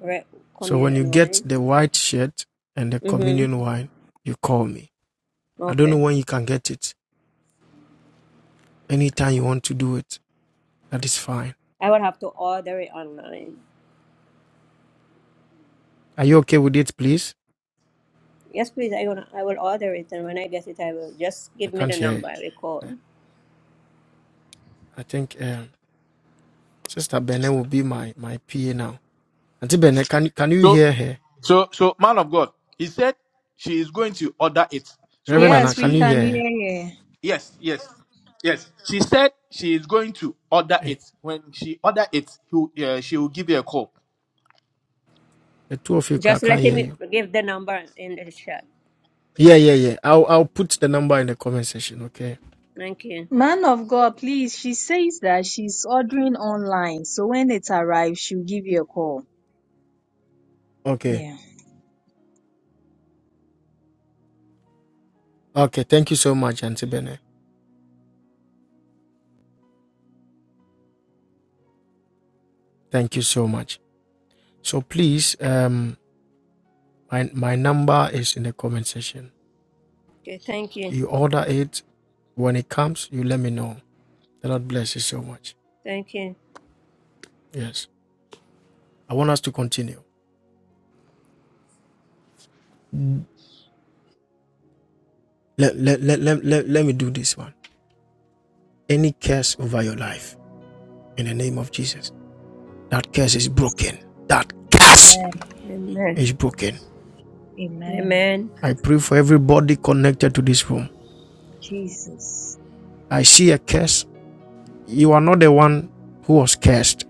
G: red
A: So when you
G: communion
A: get
G: wine.
A: the white shirt and the
G: Mm-hmm.
A: communion wine, you call me. I don't know
G: Okay.
A: when you can get it. Anytime you want to do it, that is fine.
G: I will have to order it online.
A: Are you okay with it, please?
G: Yes, please. I will. I will order it, and when I get it, I will just
A: I
G: give me
A: can't
G: the
A: hear
G: number. I will call.
A: you. I think um, Sister Bene will be my, my PA now. Auntie Bene, can, can you
B: So,
A: hear her?
B: so, so, man of God, he said she is going to order it. So
A: Reverend
B: when
A: Anna,
C: Yes, we
A: can you
B: she,
C: can
A: hear her?
C: hear you.
B: yes, yes, yes, she said she is going to order
A: Hey,
B: it. When she order it, he, will- uh, she will give you a call.
A: the two of you I
G: Just
A: can't
G: let
A: hear
G: me
A: you.
G: give the number in the chat.
A: Yeah, yeah, yeah. I'll, I'll put the number in the comment section, okay?
G: Thank you.
C: Man of God, please. She says that she's ordering online, so when it arrives, she'll give you a call.
A: Okay.
C: Yeah.
A: Okay, thank you so much, Auntie Bene. Thank you so much. So please, um, my, my number is in the comment section.
G: Okay. Thank you.
A: You order it. When it comes, you let me know. The Lord bless you so much.
G: Thank you.
A: Yes. I want us to continue. Let, let, let, let, let, let me do this one. Any curse over your life in the name of Jesus. That curse is broken. That curse
C: Amen.
G: Amen.
A: is broken.
C: Amen.
G: Amen.
A: I pray for everybody connected to this room.
C: Jesus.
A: I see a curse. You are not the one who was cursed.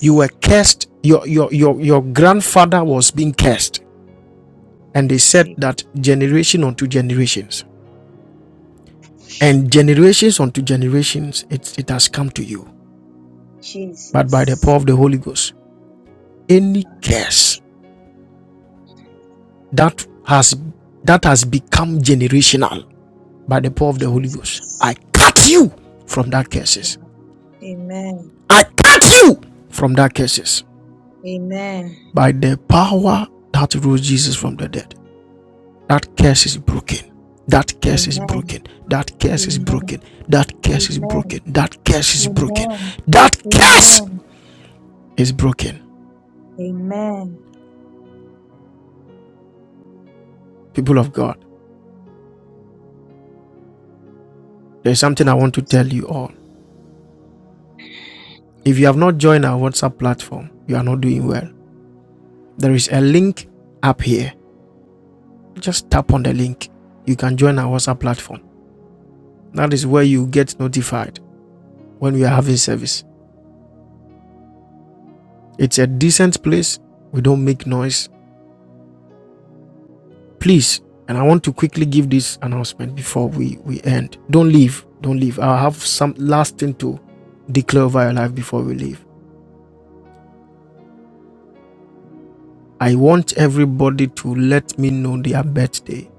A: You were cursed. Your your your, your grandfather was being cursed. And they said
C: Mercy.
A: that generation unto generations. And generations unto generations, it, it has come to you. But by the power
C: Jesus.
A: of the Holy Ghost, any curse that has that has become generational by the power of the Holy Ghost. I
C: Jesus.
A: cut you from that curses.
C: Amen.
A: I cut you from that curses
C: Amen.
A: by the power that rose Jesus from the dead. That curse is broken. That curse is
C: Amen.
A: broken. That curse is
C: Amen.
A: broken. That curse is broken.
C: Amen.
A: That curse is broken.
C: Amen.
A: That curse
C: Amen.
A: is broken.
C: Amen.
A: People of God, there's something I want to tell you all. If you have not joined our WhatsApp platform, you are not doing well. There is a link up here. Just tap on the link. You can join our WhatsApp platform. That is where you get notified when we are having service. It's a decent place. We don't make noise. Please, and I want to quickly give this announcement before we, we end. Don't leave. Don't leave. I have some last thing to declare over your life before we leave. I want everybody to let me know their birthday.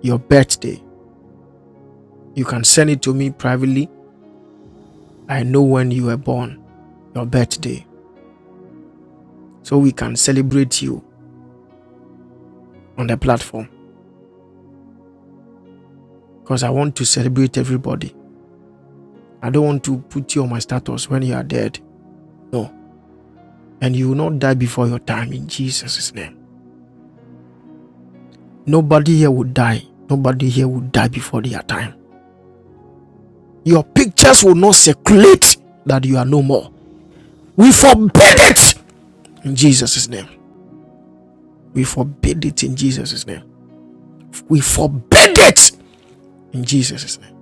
A: Your birthday. You can send it to me privately. I know when you were born, your birthday. So we can celebrate you on the platform. Because I want to celebrate everybody. I don't want to put you on my status when you are dead. No. And you will not die before your time in Jesus' name. Nobody here will die. Nobody here will die before their time. Your pictures will not circulate that you are no more. We forbid it in Jesus' name. We forbid it in Jesus' name. We forbid it in Jesus' name.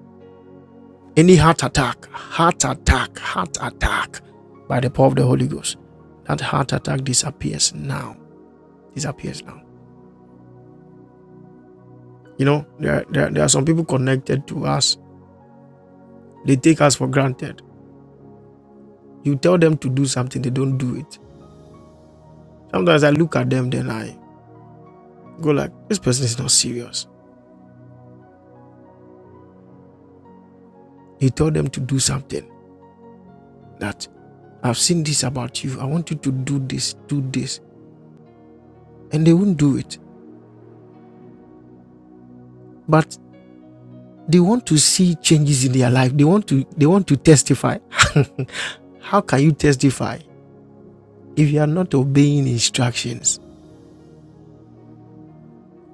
A: Any heart attack, heart attack, heart attack by the power of the Holy Ghost, that heart attack disappears now. Disappears now. You know, there, there, there are some people connected to us, they take us for granted. You tell them to do something, they don't do it. Sometimes I look at them, then I go like, this person is not serious. You tell them to do something that I've seen this about you. I want you to do this, do this. And they won't do it. But they want to see changes in their life. They want to they want to testify. How can you testify if you are not obeying instructions?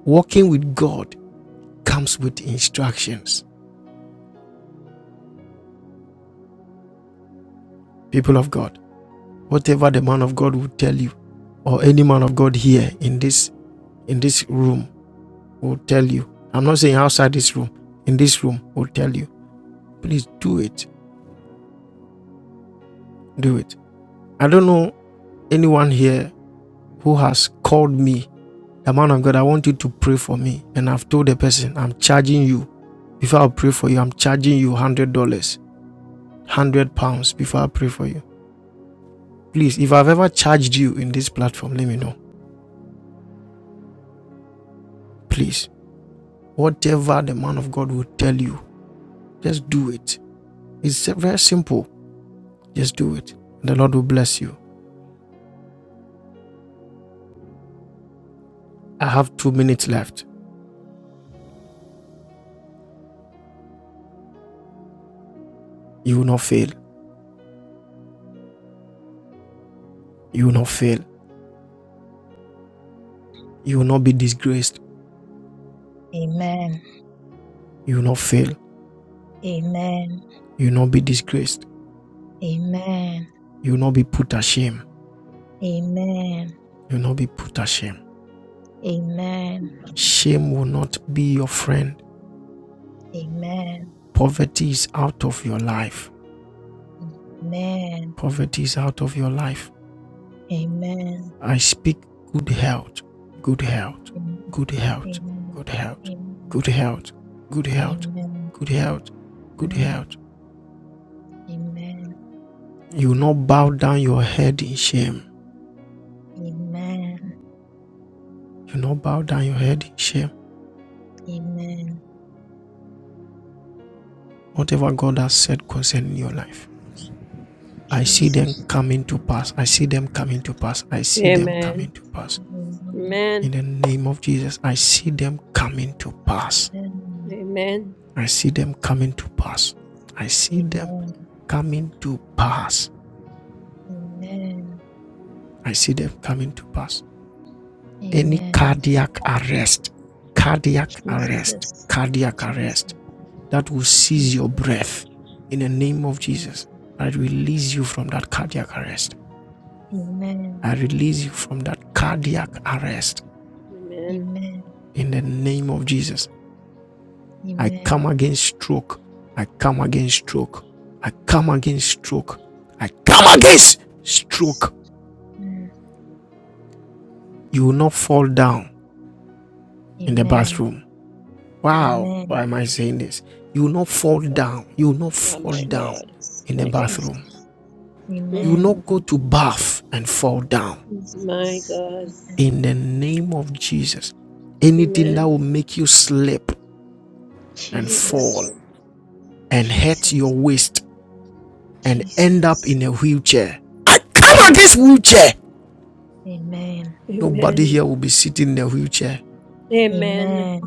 A: Walking with God comes with instructions. People of God, whatever the man of God will tell you, or any man of God here in this in this room will tell you. I'm not saying outside this room, in this room will tell you. Please do it. Do it. I don't know anyone here who has called me, the man of God, I want you to pray for me. And I've told the person, I'm charging you. Before I pray for you, I'm charging you one hundred dollars, one hundred pounds before I pray for you. Please, if I've ever charged you in this platform, let me know. Please. Whatever the man of God will tell you, just do it. It's very simple. Just do it. The Lord will bless you. I have two minutes left. You will not fail. You will not fail. You will not be disgraced.
C: Amen.
A: You will not fail.
C: Amen.
A: You will not be disgraced.
C: Amen.
A: You will not be put ashame.
C: Amen.
A: You will not be put ashame.
C: Amen.
A: Shame Shame will not be your friend.
C: Amen.
A: Poverty is out of your life.
C: Amen.
A: Poverty is out of your life.
C: Amen.
A: I speak good health, good health,
C: Amen.
A: good health,
C: Amen.
A: good health, good health, good health,
C: Amen.
A: good health, good
C: Amen.
A: health.
C: Amen.
A: You will not bow down your head in shame.
C: Amen.
A: You will not bow down your head in shame.
C: Amen.
A: Whatever God has said concerning your life, I see them
C: Jesus.
A: coming to pass. I see them coming to pass. I see them
C: Amen.
G: Amen.
A: coming to pass.
C: Amen.
A: In
G: Amen.
A: the name of Jesus, I see them coming to pass.
C: Amen.
G: Amen.
A: I see them coming to pass. I see them
C: Amen.
A: coming to pass.
C: Amen.
A: I see them coming to pass. Any
C: Amen.
A: cardiac arrest, cardiac arrest,
C: Jesus.
A: cardiac arrest
C: Jesus.
A: that will seize
C: Jesus.
A: your breath in the name of Jesus.
C: Yes.
A: I release you from that cardiac arrest.
C: Amen.
A: I release you from that cardiac arrest
G: Amen.
C: Amen.
A: in the name of Jesus. I come
C: Amen.
A: against stroke. I come against stroke. I come against stroke. I come against
C: Yes.
A: stroke.
C: Mm.
A: You will not fall down in the
C: Amen.
A: bathroom. Wow,
C: Amen.
A: why am I saying this? You will not fall
G: Oh,
A: down. You will not
G: oh
A: fall
G: my
A: down
G: God.
C: Jesus,
A: in the
G: My God.
C: Jesus,
A: bathroom.
G: Mm.
A: You will
C: Amen.
A: not go to bath and fall down.
G: My
C: Jesus,
G: God.
C: Amen.
A: In the name of Jesus, anything that
G: Amen.
A: will make you slip and
G: My
A: fall
C: Jesus,
G: God.
A: and hurt your
C: Jesus,
A: waist and end up
C: Jesus,
A: in a wheelchair. I come against
C: Jesus,
A: wheelchair.
C: Amen.
A: Nobody
G: Amen.
A: here will be sitting in a wheelchair.
G: Amen.
C: Amen.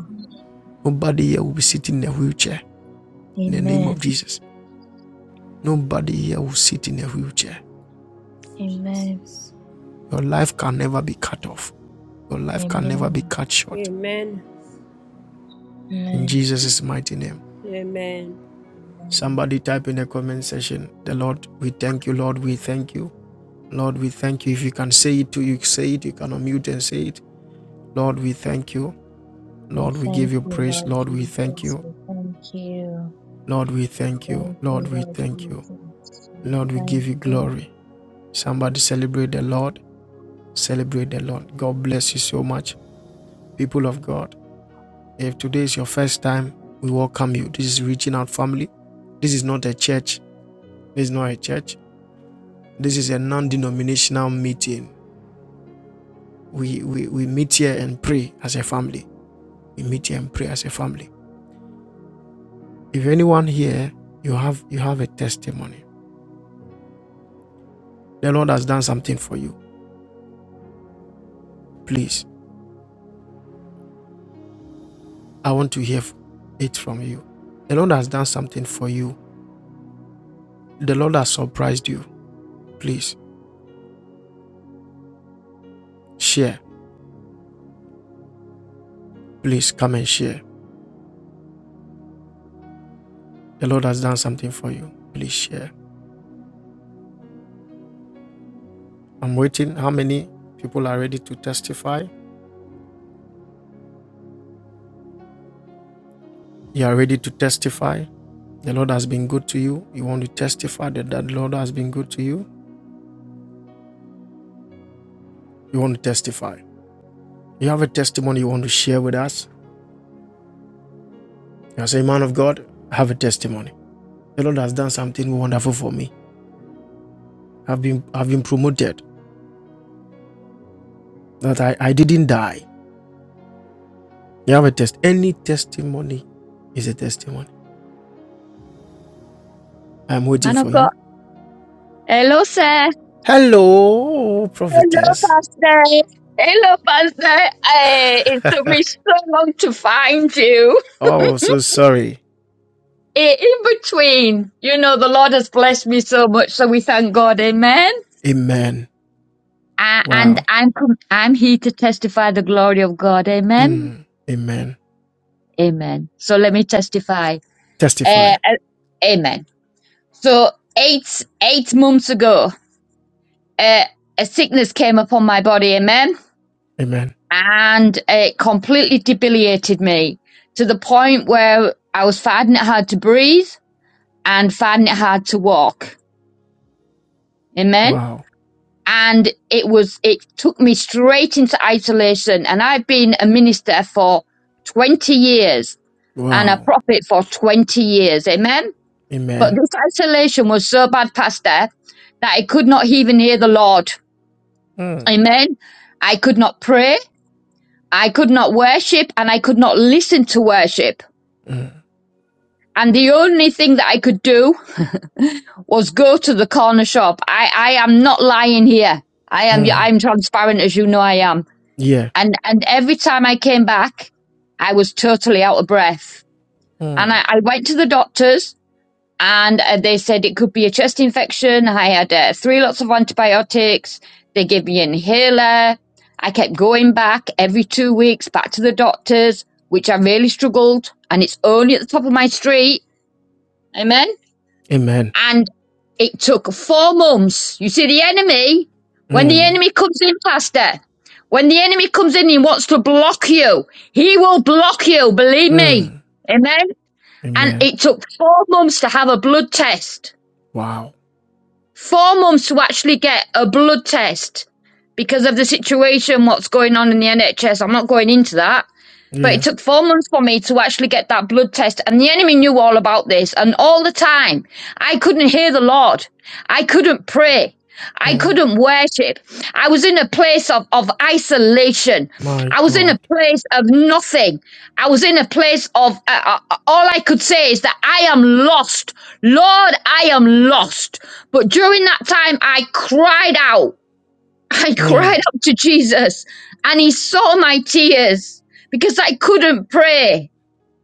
A: Nobody here will be sitting in a wheelchair. In the name of
C: Amen.
A: Jesus, nobody here will sit in a wheelchair.
C: Amen.
G: Jesus.
A: Your life can never be cut off Your life can never be
C: Amen.
A: cut short.
G: Amen.
A: In
C: Amen.
A: Jesus' mighty name.
G: Amen.
A: Somebody type in the comment section, the Lord, we thank you, Lord, we thank you. Lord, we thank you. If you can say it to you, say it. You can unmute and say it. Lord, we thank you.
C: We
A: Lord, we give
C: thank
A: you
C: you,
A: praise.
C: Lord
A: Lord, we thank
C: Jesus.
A: you.
C: We thank you.
A: Lord, we
C: We
A: thank you.
C: thank
A: Lord,
C: you,
A: we
C: Lord
A: thank you.
C: Jesus. We
A: Lord, we
C: thank
A: give you
C: you.
A: glory. Somebody celebrate the Lord. Celebrate the Lord. God bless you so much, people of God. If today is your first time, we welcome you. This is Reaching Out Family. This is not a church This is not a church. This is a non denominational meeting. We, we, we meet here and pray as a family. We meet here and pray as a family. If anyone here, you have you have a testimony. The Lord has done something for you. Please, I want to hear it from you. The Lord has done something for you. The Lord has surprised you. Please share. Please come and share. The Lord has done something for you. Please share. I'm waiting. How many people are ready to testify? You are ready to testify. The Lord has been good to you. You want to testify that the Lord has been good to you. You want to testify. You have a testimony you want to share with us. You say, Man of God, I have a testimony. The Lord has done something wonderful for me. I've been I've been promoted. That I, I didn't die. You have a test. Any testimony is a testimony. I'm waiting
H: Man of
A: for
H: God.
A: you.
H: Hello, sir.
A: Hello,
H: Hello,
A: prophetess.
H: Pastor. Hello, Pastor. Eh, it took me so long to find you.
A: Oh, so sorry.
H: Eh, In between, you know, the Lord has blessed me so much, so we thank God. Amen.
A: Amen.
H: Uh, and
A: Wow.
H: I'm com- I'm here to testify the glory of God. Amen.
A: Hmm. Amen.
H: Amen. So let me testify.
A: Testify.
H: Uh, uh, amen. So eight eight months ago, uh, a sickness came upon my body. Amen.
A: Amen.
H: and it completely debilitated me to the point where I was finding it hard to breathe and finding it hard to walk. Amen.
A: Wow.
H: And it was, it took me straight into isolation. And I've been a minister for 20 years and a
A: Wow.
H: prophet for 20 years. Amen. But
A: Amen.
H: this isolation was so bad, Pastor, that I could not even hear the Lord.
A: Mm.
H: Amen. I could not pray. I could not worship and I could not listen to worship And the only thing that I could do was go to the corner shop. I, I am not lying here. I am,
A: Mm.
H: I'm transparent as you know I am.
A: Yeah.
H: And, and every time I came back, I was totally out of breath. And
A: Mm.
H: I, I went to the doctors and uh, they said it could be a chest infection. I had uh, three lots of antibiotics. They gave me an inhaler. I kept going back every two weeks back to the doctors, which I really struggled. And it's only at the top of my street. Amen.
A: Amen.
H: and it took four months. You see, the enemy, when the
A: Mm.
H: enemy comes in, Pastor, when the enemy comes in, and wants to block you. He will block you, believe me.
A: Mm.
H: Amen. And
A: Amen.
H: it took four months to have a blood test.
A: Wow.
H: Four months to actually get a blood test because of the situation, what's going on in the NHS. I'm not going into that. But it
A: Yeah.
H: took four months for me to actually get that blood test, and the enemy knew all about this. And all the time, I couldn't hear the Lord. I couldn't pray. I
A: Mm.
H: couldn't worship. I was in a place of, of isolation.
A: My
H: I was in
A: God.
H: a place of nothing. I was in a place of uh, uh, all I could say is that I am lost. Lord, I am lost. But during that time, I cried out. I cried
A: Mm.
H: out to Jesus and he saw my tears because I couldn't pray.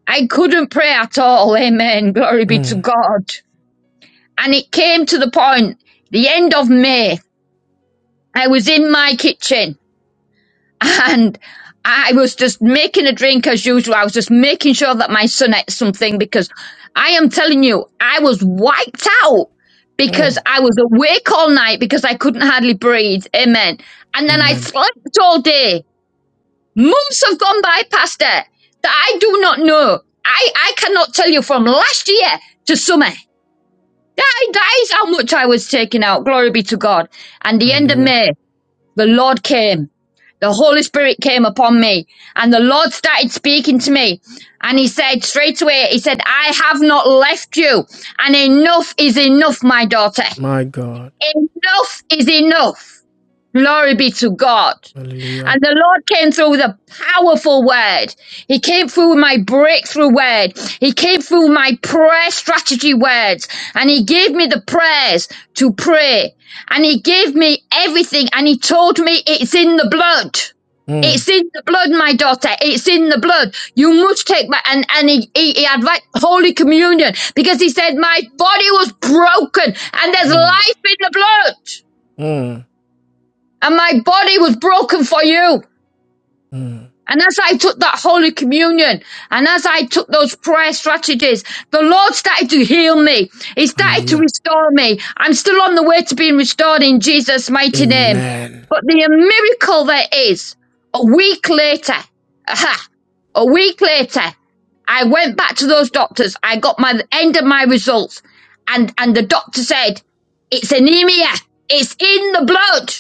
H: I couldn't pray at all. Amen. Glory be to
A: Mm.
H: God. And it came to the point, the end of May, I was in my kitchen and I was just making a drink as usual. I was just making sure that my son ate something because I am telling you, I was wiped out because
A: Mm.
H: I was awake all night because I couldn't hardly breathe. Amen. And then I
A: Amen.
H: slept all day Months have gone by, Pastor, that I do not know. I, I cannot tell you from last year to summer. That, that is how much I was taking out. Glory be to God. And the end of
A: Hallelujah.
H: May, the Lord came. The Holy Spirit came upon me and the Lord started speaking to me. And he said straight away, he said, I have not left you. And enough is enough, my daughter.
A: My God.
H: Enough is enough. Glory be to God.
A: Hallelujah.
H: And the Lord came through with a powerful word. He came through with my breakthrough word. He came through with my prayer strategy words. And He gave me the prayers to pray. And He gave me everything. And He told me it's in the blood.
A: Mm.
H: It's in the blood, my daughter. It's in the blood. You must take my and and he, he, he had like holy communion because he said my body was broken and there's
A: Mm.
H: life in the blood
A: Mm.
H: and my body was broken for you.
A: Mm.
H: And as I took that Holy Communion, and as I took those prayer strategies, the Lord started to heal me. He started to
A: Hallelujah.
H: restore me. I'm still on the way to being restored in Jesus' mighty name.
A: Amen.
H: But the miracle there is, a week later, aha, a week later, I went back to those doctors. I got my end of my results, and and the doctor said, "It's anemia. It's in the blood."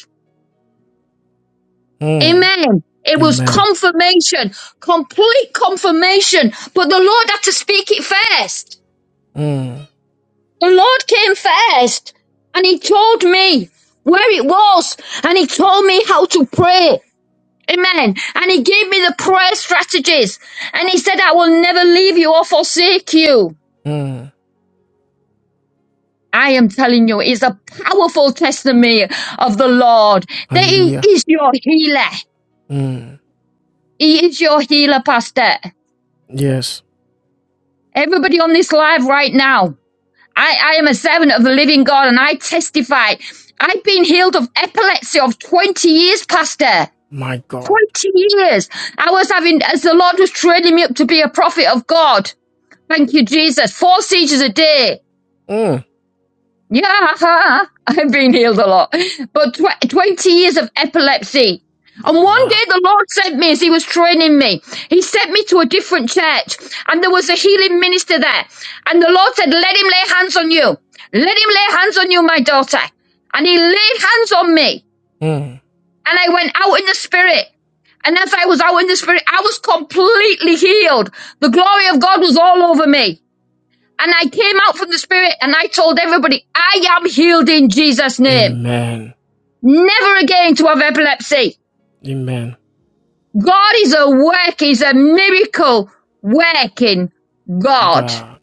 A: Mm.
H: Amen. It was
A: Amen.
H: confirmation, complete confirmation. But the Lord had to speak it first. The Lord came first and He told me where it was and He told me how to pray. Amen. And He gave me the prayer strategies and He said, I will never leave you or forsake you.
A: Mm.
H: I am telling you, it's a powerful testimony of the Lord that He
A: Hallelujah.
H: is your healer.
A: Mm.
H: He is your healer, Pastor.
A: Yes.
H: Everybody on this live right now. I, I am a servant of the living God and I testify. I've been healed of epilepsy of 20 years, Pastor.
A: My God.
H: 20 years. I was having, as the Lord was training me up to be a prophet of God. Thank you, Jesus. Four seizures a day.
A: Mm.
H: Yeah, I've been healed a lot. But tw- 20 years of epilepsy. And one day
A: Wow.
H: the Lord sent me as He was training me. He sent me to a different church and there was a healing minister there. And the Lord said, let him lay hands on you. Let him lay hands on you, my daughter. And he laid hands on me
A: Mm.
H: and I went out in the spirit. And as I was out in the spirit, I was completely healed. The glory of God was all over me. And I came out from the Spirit and I told everybody, I am healed in Jesus' name.
A: Amen.
H: Never again to have epilepsy.
A: Amen.
H: God is a work, is a miracle working God.
A: God,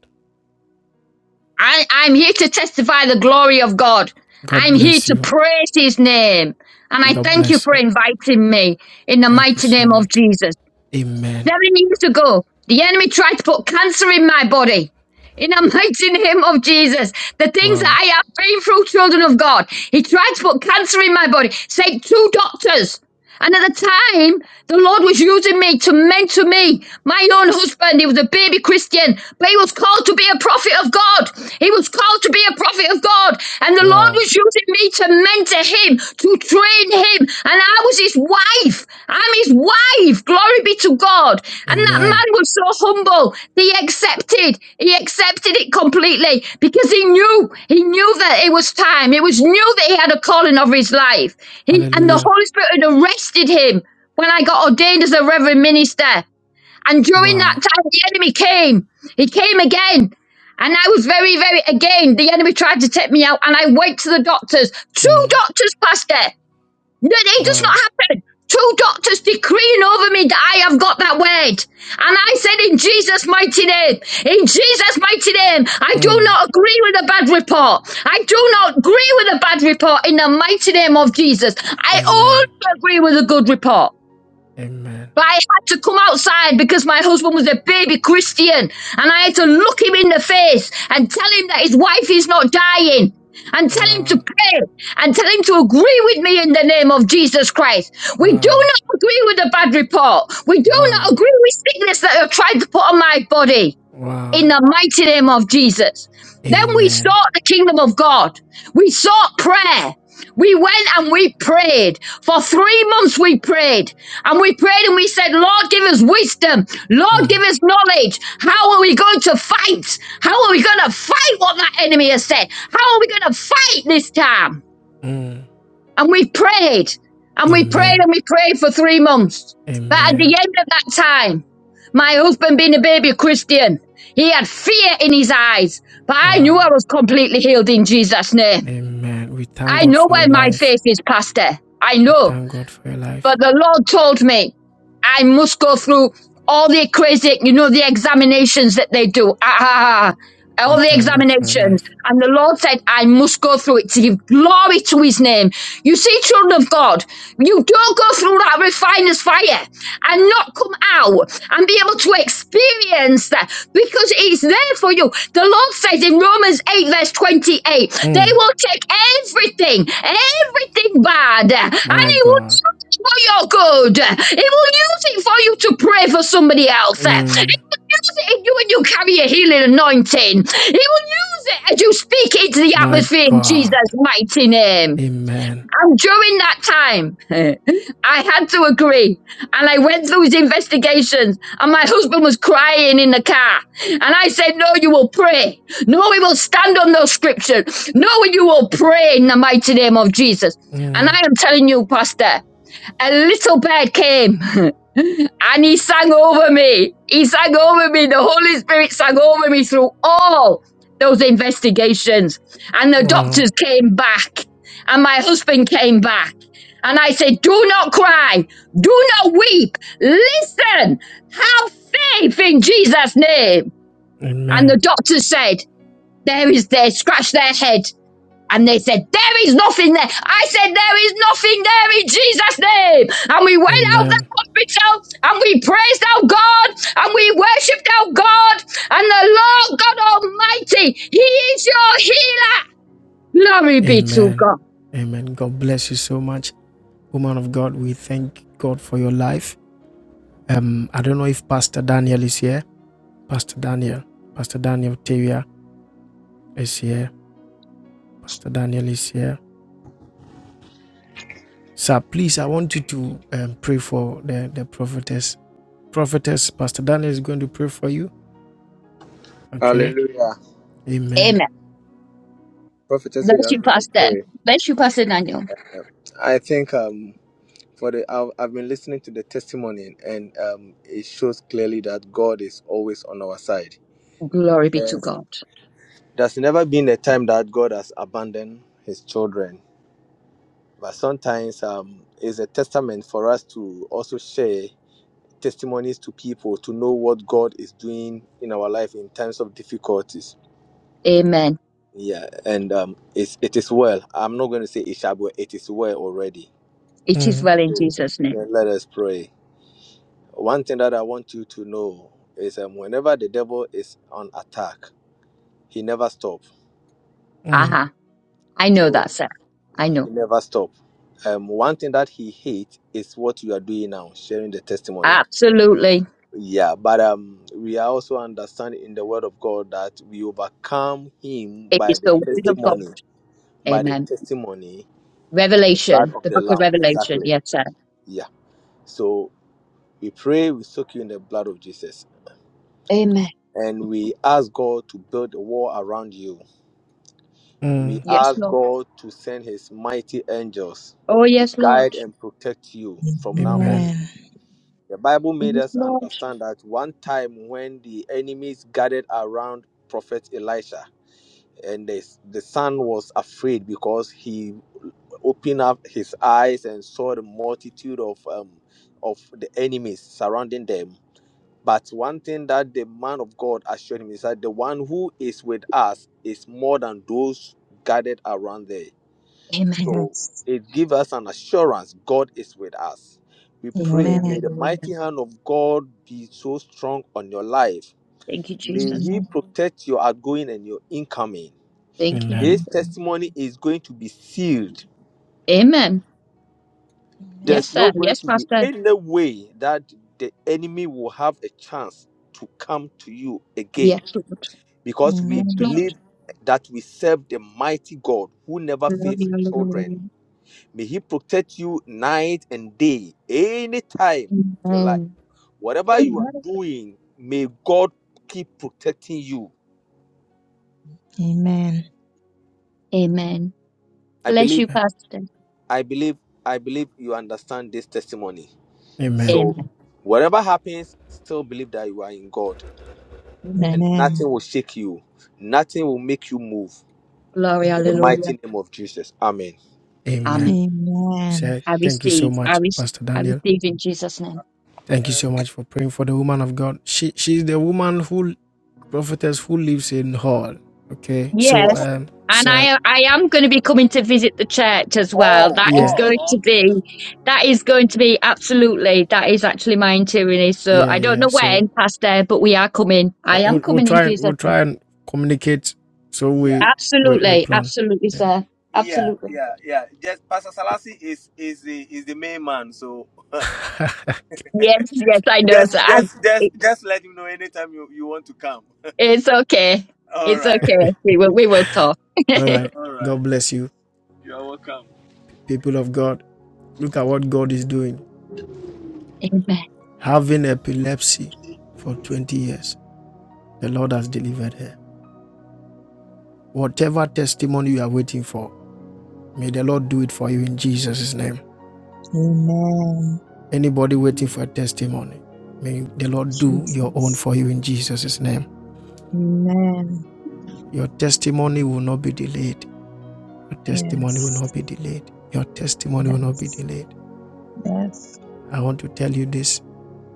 H: I, I'm here to testify the glory of God.
A: God
H: I'm here
A: bless
H: to
A: you.
H: praise His name. And I
A: God
H: thank you
A: bless
H: for
A: you.
H: inviting me in the
A: Thank you
H: mighty
A: so
H: name of
A: much.
H: Jesus.
A: Amen.
H: Seven years ago, the enemy tried to put cancer in my body. In the mighty name of Jesus, the things that
A: Wow.
H: I have been through, children of God, he tried to put cancer in my body. Say two doctors. And at the time, the Lord was using me to mentor me. My own husband, he was a baby Christian, but he was called to be a prophet of God. He was called to be a prophet of God. And the Lord
A: Wow.
H: was using me to mentor him, to train him. And I was his wife. I'm his wife. Glory be to God. And that man
A: Amen.
H: was so humble. He accepted. He accepted it completely because he knew, he knew that it was time. It was knew that he had a calling over his life. He and the
A: Hallelujah.
H: Holy Spirit had arrested him when I got ordained as a reverend minister. And during that
A: Wow.
H: time, the enemy came. He came again. And I was very, very, again, the enemy tried to take me out. And I went to the doctors, two
A: Mm.
H: doctors, Pastor. That it does not
A: Wow.
H: happen. Two doctors decreeing over me that I have got that word. And I said, in Jesus' mighty name, in Jesus' mighty name, I do
A: Mm.
H: not agree with a bad report. I do not agree with a bad report in the mighty name of Jesus. I
A: Amen.
H: only agree with a good report.
A: Amen.
H: But I had to come outside because my husband was a baby Christian and I had to look him in the face and tell him that his wife is not dying and tell him to
A: Wow.
H: pray and tell him to agree with me in the name of Jesus Christ. We do
A: Wow.
H: not agree with the bad report. We do not
A: Wow.
H: agree with sickness that are trying to put on my body in
A: Wow.
H: the mighty name of Jesus. Then we
A: Amen.
H: sought the kingdom of God. We sought prayer. We went and we prayed. For three months we prayed. And we prayed and we said, Lord, give us wisdom. Lord, give
A: Mm.
H: us knowledge. How are we going to fight? How are we going to fight what that enemy has said? How are we going to fight this time?
A: Mm.
H: And we prayed and we prayed
A: Amen.
H: and we prayed for three months. But at the
A: Amen.
H: end of that time, my husband being a baby Christian, he had fear in his eyes. But I knew
A: Wow.
H: I was completely healed in Jesus' name.
A: Amen. We thank
H: I
A: God
H: know
A: for your
H: where my
A: life.
H: faith is, Pastor. I
A: We
H: know.
A: thank God for your life.
H: But the Lord told me I must go through all the crazy, you know, the examinations that they do. Ah, ah, ah. ah.
A: We
H: all the
A: thank God for your
H: examinations.
A: life.
H: And the Lord said, I must go through it to give glory to his name. You see, children of God, you don't go through that refiner's fire and not come out and be able to experience that because it's there for you. The Lord says in Romans 8, verse 28, they
A: Mm.
H: will take everything, everything bad, and
A: My
H: he will
A: God.
H: for your good. He will use it for you to pray for somebody else. He
A: Mm,
H: will use it in you when you carry a healing anointing. He will use it as you speak into the
A: my
H: atmosphere in
A: God.
H: Jesus' mighty name.
A: Amen.
H: And during that time, I had to agree. And I went through his investigations, and my husband was crying in the car. And I said, No, you will pray. No, we will stand on those scriptures. No, you will pray in the mighty name of Jesus. And I
A: Mm,
H: am telling you, Pastor a little bird came and he sang over me. He sang over me. The Holy Spirit sang over me through all those investigations. And the
A: wow.
H: doctors came back and my husband came back. And I said, Do not cry. Do not weep. Listen. Have faith in Jesus' name. And the
A: Amen.
H: doctor said, There is there. Scratch their head. And they said, There is nothing there. I said, There is nothing there in Jesus' name. And we went out of that
A: Amen.
H: hospital and we praised our God and we worshipped our God. And the Lord God Almighty, He is your healer. Glory be to
A: Amen.
H: God.
A: Amen. God bless you so much, woman of God. We thank God for your life. Um, I don't know if Pastor Daniel is here. Pastor Daniel. Pastor Daniel Teria is here. Pastor Daniel is here. Sir, please, I want you to um, pray for the, the prophetess. Prophetess, Pastor Daniel is going to pray for you. Okay.
I: Hallelujah.
A: Amen.
H: Amen.
I: Prophetess, we
H: Bless
I: are
H: you,
I: going to
H: Pastor.
I: pray.
H: Bless you, Pastor Daniel.
I: Yeah. I think um, for the I've, I've been listening to the testimony and um, it shows clearly that God is always on our side.
H: Glory be to
I: Yes.
H: God.
I: There's never been a time that God has abandoned his children. But sometimes um, it's a testament for us to also share testimonies to people to know what God is doing in our life in times of difficulties.
H: Amen.
I: Yeah, and um, it's, it is well. I'm not going to say it shall be, well, it is well already
H: It is
A: Mm,
H: well in
I: So
H: Jesus' name.
I: then let us pray. One thing that I want you to know is um, whenever the devil is on attack, he never stops.
A: mm,
H: Aha. I know
I: So
H: that, sir. I
I: he
H: know.
I: never stops. Um, one thing that he hates is what you are doing now, sharing the testimony.
H: Absolutely.
I: Yeah, but um, we are also understand in the word of God that we overcome him
H: It
I: by
H: is
I: the
H: the word of God.
I: testimony, by the
H: Amen.
I: testimony, the blood
H: Revelation,
I: of
H: the
I: the
H: book of
I: Lamb.
H: Revelation.
I: Exactly.
H: Yes, sir.
I: Yeah. So we pray, we soak you in the blood of Jesus.
H: Amen.
I: and we ask God to build a wall around you.
A: mm.
I: We
H: Yes,
I: ask
H: Lord.
I: God to send his mighty angels
H: Oh,
I: to
H: yes, Lord.
I: guide and protect you from now
A: Amen.
I: onwards.
C: Amen.
I: The Bible made
H: Yes,
I: us
H: Lord.
I: understand that one time when the enemies gathered around Prophet Elisha, and the, the son was afraid because he opened up his eyes and saw the multitude of um, of the enemies surrounding them But one thing that the man of God assured him is that the one who is with us is more than those gathered around there.
H: Amen.
I: So
C: Yes.
I: it gives us an assurance God is with us. We
H: Glory,
I: pray,
C: Amen.
I: may the
H: hallelujah.
I: mighty hand of God be so strong on your life.
H: Thank you,
I: May
H: Jesus.
I: He
C: Amen.
I: protect your outgoing and your incoming.
H: Thank you,
A: Amen.
I: This
H: Jesus.
I: testimony is going to be sealed.
H: Amen. Yes,
C: Amen.
I: There's
H: sir.
I: not going
H: Yes,
I: to be
H: Pastor.
I: any way that the enemy will have a chance to come to you again
H: Yes, Lord.
I: because we
H: Yes,
C: Amen.
H: Lord.
I: believe that we serve the mighty God who never fails
H: Glory,
I: his children.
H: hallelujah.
I: May He protect you night and day, any time of your life.
H: Amen.
I: Whatever you are
H: Amen.
I: doing, may God keep protecting you.
C: Amen.
H: Amen.
I: I
H: Bless
I: believe,
H: you, Pastor.
I: I believe, I believe you understand this testimony.
A: Amen.
I: So,
H: Amen.
I: whatever happens, still believe that you are in God and
H: Amen.
C: Amen.
I: nothing will shake you, nothing will make you move.
H: Glory,
I: In the
H: hallelujah.
I: mighty name of Jesus. Amen.
A: Amen.
H: Amen.
C: Amen.
A: Sir,
H: I
A: thank you so
H: receive. I,
A: much,
H: re-
A: Pastor
H: I
A: Daniel.
H: receive in Jesus' name.
A: Thank you so much for praying for the woman of God. She she's the woman who prophetess who lives in hall. Okay. So
H: Yes,
A: um
H: and
A: sir,
H: I I am going to be coming to visit the church as well.
I: Oh,
H: That is
A: yeah,
H: going
I: oh,
H: to
I: okay.
H: be that is going to be absolutely that is actually my interior. So
A: yeah,
H: I don't
A: yeah.
H: know
A: So
H: when, Pastor, but we are coming.
A: uh,
H: I am
A: we'll, we'll
H: coming in
A: try and
H: Jesus.
A: we'll
H: name.
A: try and communicate so
I: Yeah,
A: we we we
H: Absolutely,
A: plan.
H: absolutely,
A: Yeah,
H: sir.
I: yeah,
H: Absolutely.
I: yeah, yeah. Just Pastor Salasi is is the is the main man. So
A: yeah.
H: Yes, yes, I know, sir.
I: just
H: I,
I: just just
H: it,
I: just let him know anytime you you want to come.
H: it's okay.
I: All
H: It's
I: right,
H: okay. We will we will talk.
A: All right.
I: all right.
A: God bless you,
I: You are welcome.
A: people of God. Look at what God is doing.
H: Amen.
A: Having epilepsy for 20 years. The Lord has delivered her. Whatever testimony you are waiting for, may the Lord do it for you in Jesus' name.
C: Amen.
A: Anybody waiting for a testimony, may the Lord do your own
C: Jesus.
A: for you in Jesus' name.
C: Amen.
A: Your testimony will not be delayed. Your testimony will
C: Yes.
A: not be delayed. Your testimony will not be
C: Yes.
A: delayed.
C: Yes.
A: I want to tell you this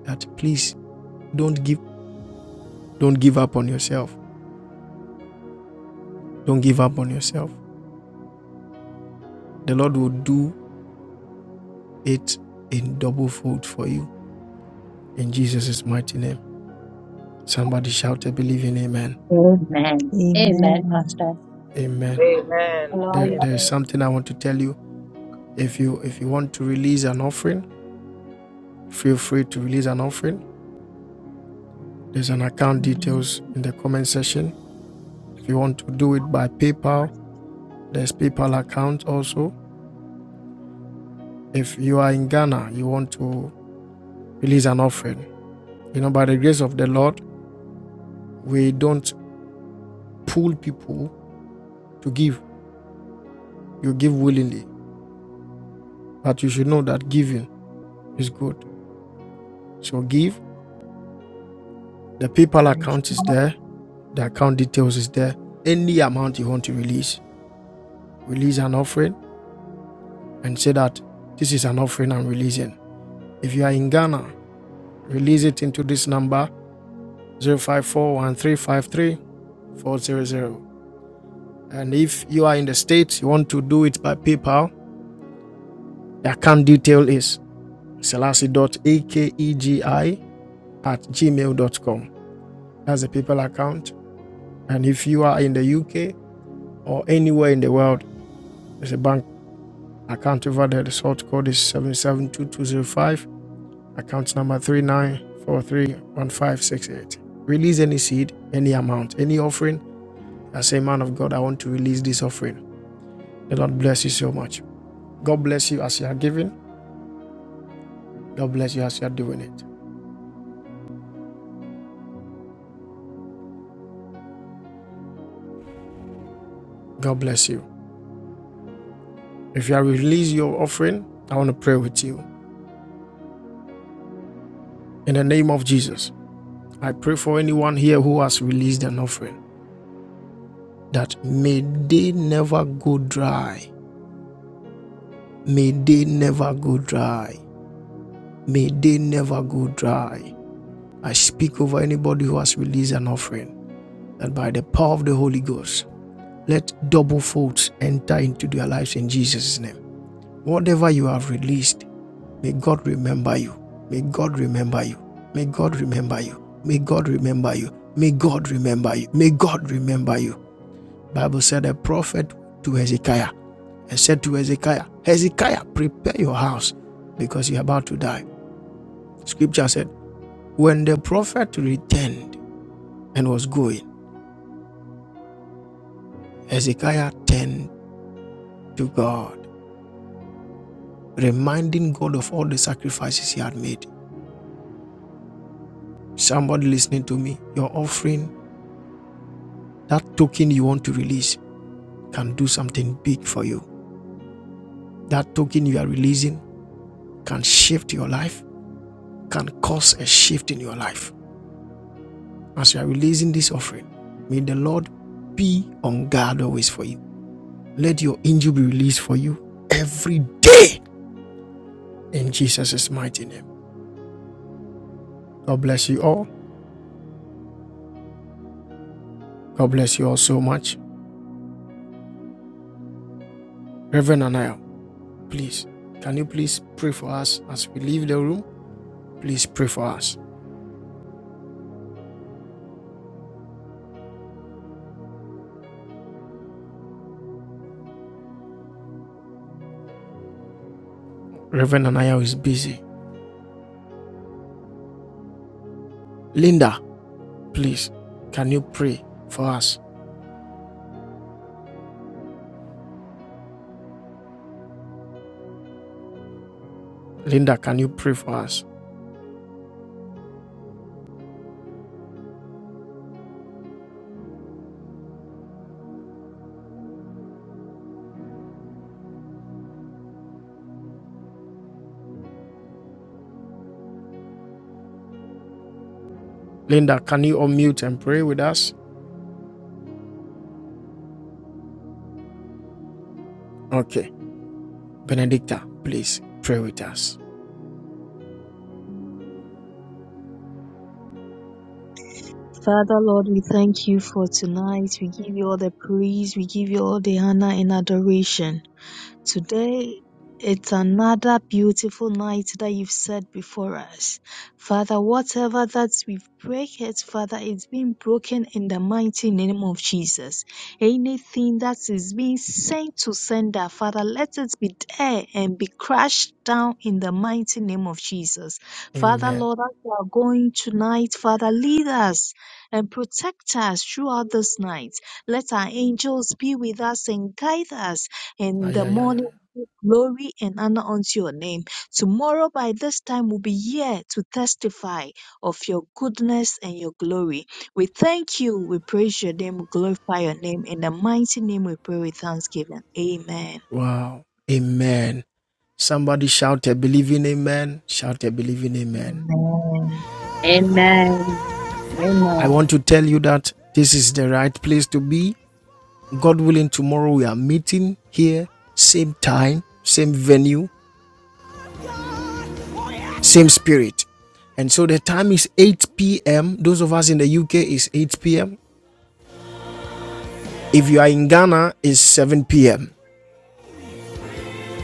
A: that please don't give don't give up on yourself. Don't give up on yourself. The Lord will do it in double fold for you in Jesus' mighty name. Somebody shout a believing amen.
H: Amen. Amen,
C: Amen.
H: Pastor.
A: Amen.
I: Amen.
A: There,
H: Glory.
A: there
I: Amen.
A: is something I want to tell you. If you if you want to release an offering, feel free to release an offering. There's an account details in the comment section. If you want to do it by PayPal, there's PayPal account also. If you are in Ghana, you want to release an offering. You know, by the grace of the Lord, we don't pull people to give. You give willingly, but you should know that giving is good. So give. The PayPal
C: Praise.
A: account is there. The account details is there. Any amount you want to release, release an offering and say that this is an offering I'm releasing. If you are in Ghana, release it into this number zero five four one three five three four zero zero. And if you are in the States, you want to do it by PayPal, the account detail is selassie dot a k e g i at gmail dot com. That's the PayPal account. And if you are in the UK or anywhere in the world, there's a bank Account over there, the result code is 772205. Account number 39431568. Release any seed, any amount, any offering. I say, man of God, I want to release this offering. The Lord bless you so much. God bless you as you are giving. God bless you as you are doing it. God bless you. If you are release your offering, I want to pray with you. In the name of Jesus, I pray for anyone here who has released an offering that may they never go dry May they never go dry. May they never go dry. I speak over anybody who has released an offering that by the power of the Holy Ghost, let double folds enter into their lives in Jesus' name. Whatever you have released, may God remember you. May God remember you. May God remember you. May God remember you. May God remember you. May God remember you. The Bible said a prophet to Hezekiah and said to Hezekiah, Hezekiah, prepare your house because you're about to die. Scripture said, When the prophet returned and was going, Hezekiah turned to God, reminding God of all the sacrifices he had made. Somebody listening to me, your offering, that token you want to release, can do something big for you. That token you are releasing can shift your life, can cause a shift in your life. As you are releasing this offering, may the Lord be on guard always for you. Let your angel be released for you every day in Jesus' mighty name. God bless you all. God bless you all so much. Reverend Anaya, please, can you please pray for us as we leave the room? Please pray for us. Reverend Anaya is busy. Linda, please, can you pray for us? Linda, can you pray for us? Linda, can you unmute and pray with us? Okay. Benedicta, please pray with us.
C: Father Lord, we thank you for tonight. We give you all the praise. We give you all the honor and adoration. Today it's another beautiful night that you've set before us. Father, whatever that we've break it, Father, it's been broken in the mighty name of Jesus. Anything that is being sent to sender, Father, let it be there and be crashed down in the mighty name of Jesus. Father,
A: Amen.
C: Lord, as we are going tonight, Father, lead us and protect us throughout this night. Let our angels be with us and guide us and
A: Ay,
C: the
A: ay, ay,
C: morning
A: ay.
C: will give glory and honor unto your name. Tomorrow by this time will be here to testify of your goodness and your glory. We thank you, we praise your name, we glorify your name. In the mighty name we pray with thanksgiving. Amen.
A: Wow. Amen. Somebody shout a believing amen. Shout a believing amen.
C: Amen.
G: Amen.
H: Amen.
G: Amen.
A: I
H: Amen.
A: want to tell you that this is the right place to be. God willing, tomorrow we are meeting here, same time, same venue, same spirit. And so the time is 8 p.m. Those of us in the UK is 8 p.m. If you are in Ghana, it's 7 p.m.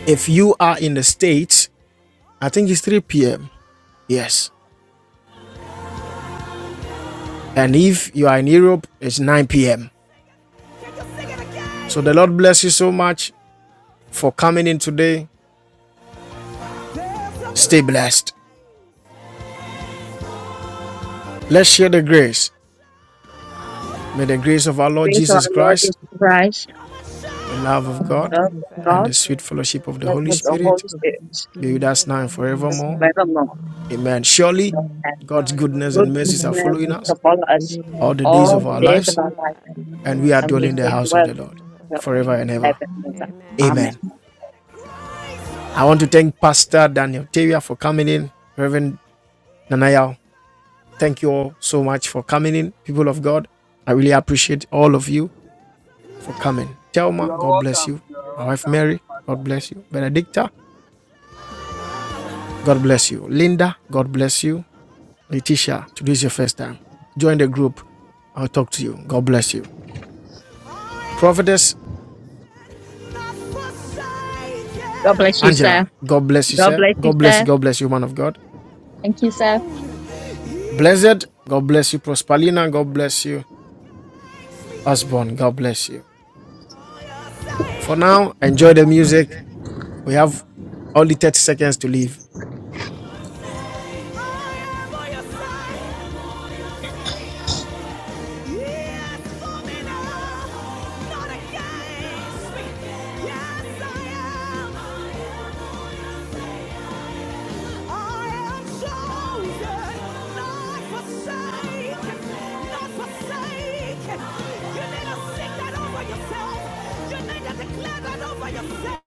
A: If you are in the States, I think it's 3 p.m. Yes. And if you are in Europe, it's 9 p.m. So the Lord bless you so much for coming in today. Stay blessed. Let's share the grace. May the grace of our Lord
H: Praise our
A: Jesus
H: Lord
A: Christ,
H: Jesus Christ.
A: the
G: Love for
A: love of
G: God,
A: God,
H: love
C: Love
G: sweet
C: of
H: of
A: and
C: God,
H: God,
A: the sweet
G: fellowship of the
A: fellowship of the
G: Holy
H: love
A: Holy
H: of
G: Spirit,
H: the
C: peaceful,
A: Spirit
H: Holy Spirit,
C: forgiving
A: be with
C: story.
A: us
G: let
A: now and
G: us
C: and
G: now
H: and
G: and
C: Yes,
A: forevermore.
C: Lord.
H: forevermore.
G: forevermore.
C: Amen.
A: Amen.
G: Amen.
A: Surely
H: And
C: Amen.
A: God's
G: Surely
A: goodness
H: good
C: God
A: and
G: goodness,
A: mercies are
C: bless the
H: goodness
A: following
G: mercy
C: message
H: to
A: us
G: shall
C: of
H: follow
G: follow
H: us
C: favor, let
A: all
C: us
A: the
C: go.
A: days
H: all
G: all
A: of
H: the
A: our
G: days
H: days
G: of
H: of
A: lives,
H: our
G: our
H: life,
G: life,
A: and we
G: dwell
A: are
G: in
H: and
G: the
H: we
A: dwelling in the
H: shall
G: house
C: Revelation,
G: and
A: house of
H: dwell
G: house
A: the
G: of
A: Lord
G: the Lord
H: forever
A: forever
G: forever.
A: and
G: and
H: and
A: ever.
H: ever.
G: ever. Amen.
H: Amen.
A: Amen. I want to thank Pastor Daniel Tavia for coming in, Reverend Nanayao. Thank you all so much for coming in, people of God. I really appreciate all of you for coming. Thelma,
I: You are
A: God bless you.
I: welcome. You are
A: My wife
I: welcome, my
A: Mary, God bless
I: father.
A: you. Benedicta, God bless you. Linda, God bless you. Letitia, today is your first time. Join the group. I'll talk to you. God bless you. Prophetess
H: God bless you, sir.
A: Angela, God bless you,
H: God
A: sir.
H: bless you,
A: God bless
H: sir.
A: you. God bless you, man of God.
H: Thank you, sir.
A: Blessed, God bless you. Prospalina,
G: God
A: God
G: bless
A: bless you. Osborne, God bless you. For now, enjoy the music. We have only 30 seconds to leave. Yes, for me now, not against Yes, I am. I am chosen, not forsaken, not forsaken. You need to sing that over yourself. You need to declare that over yourself.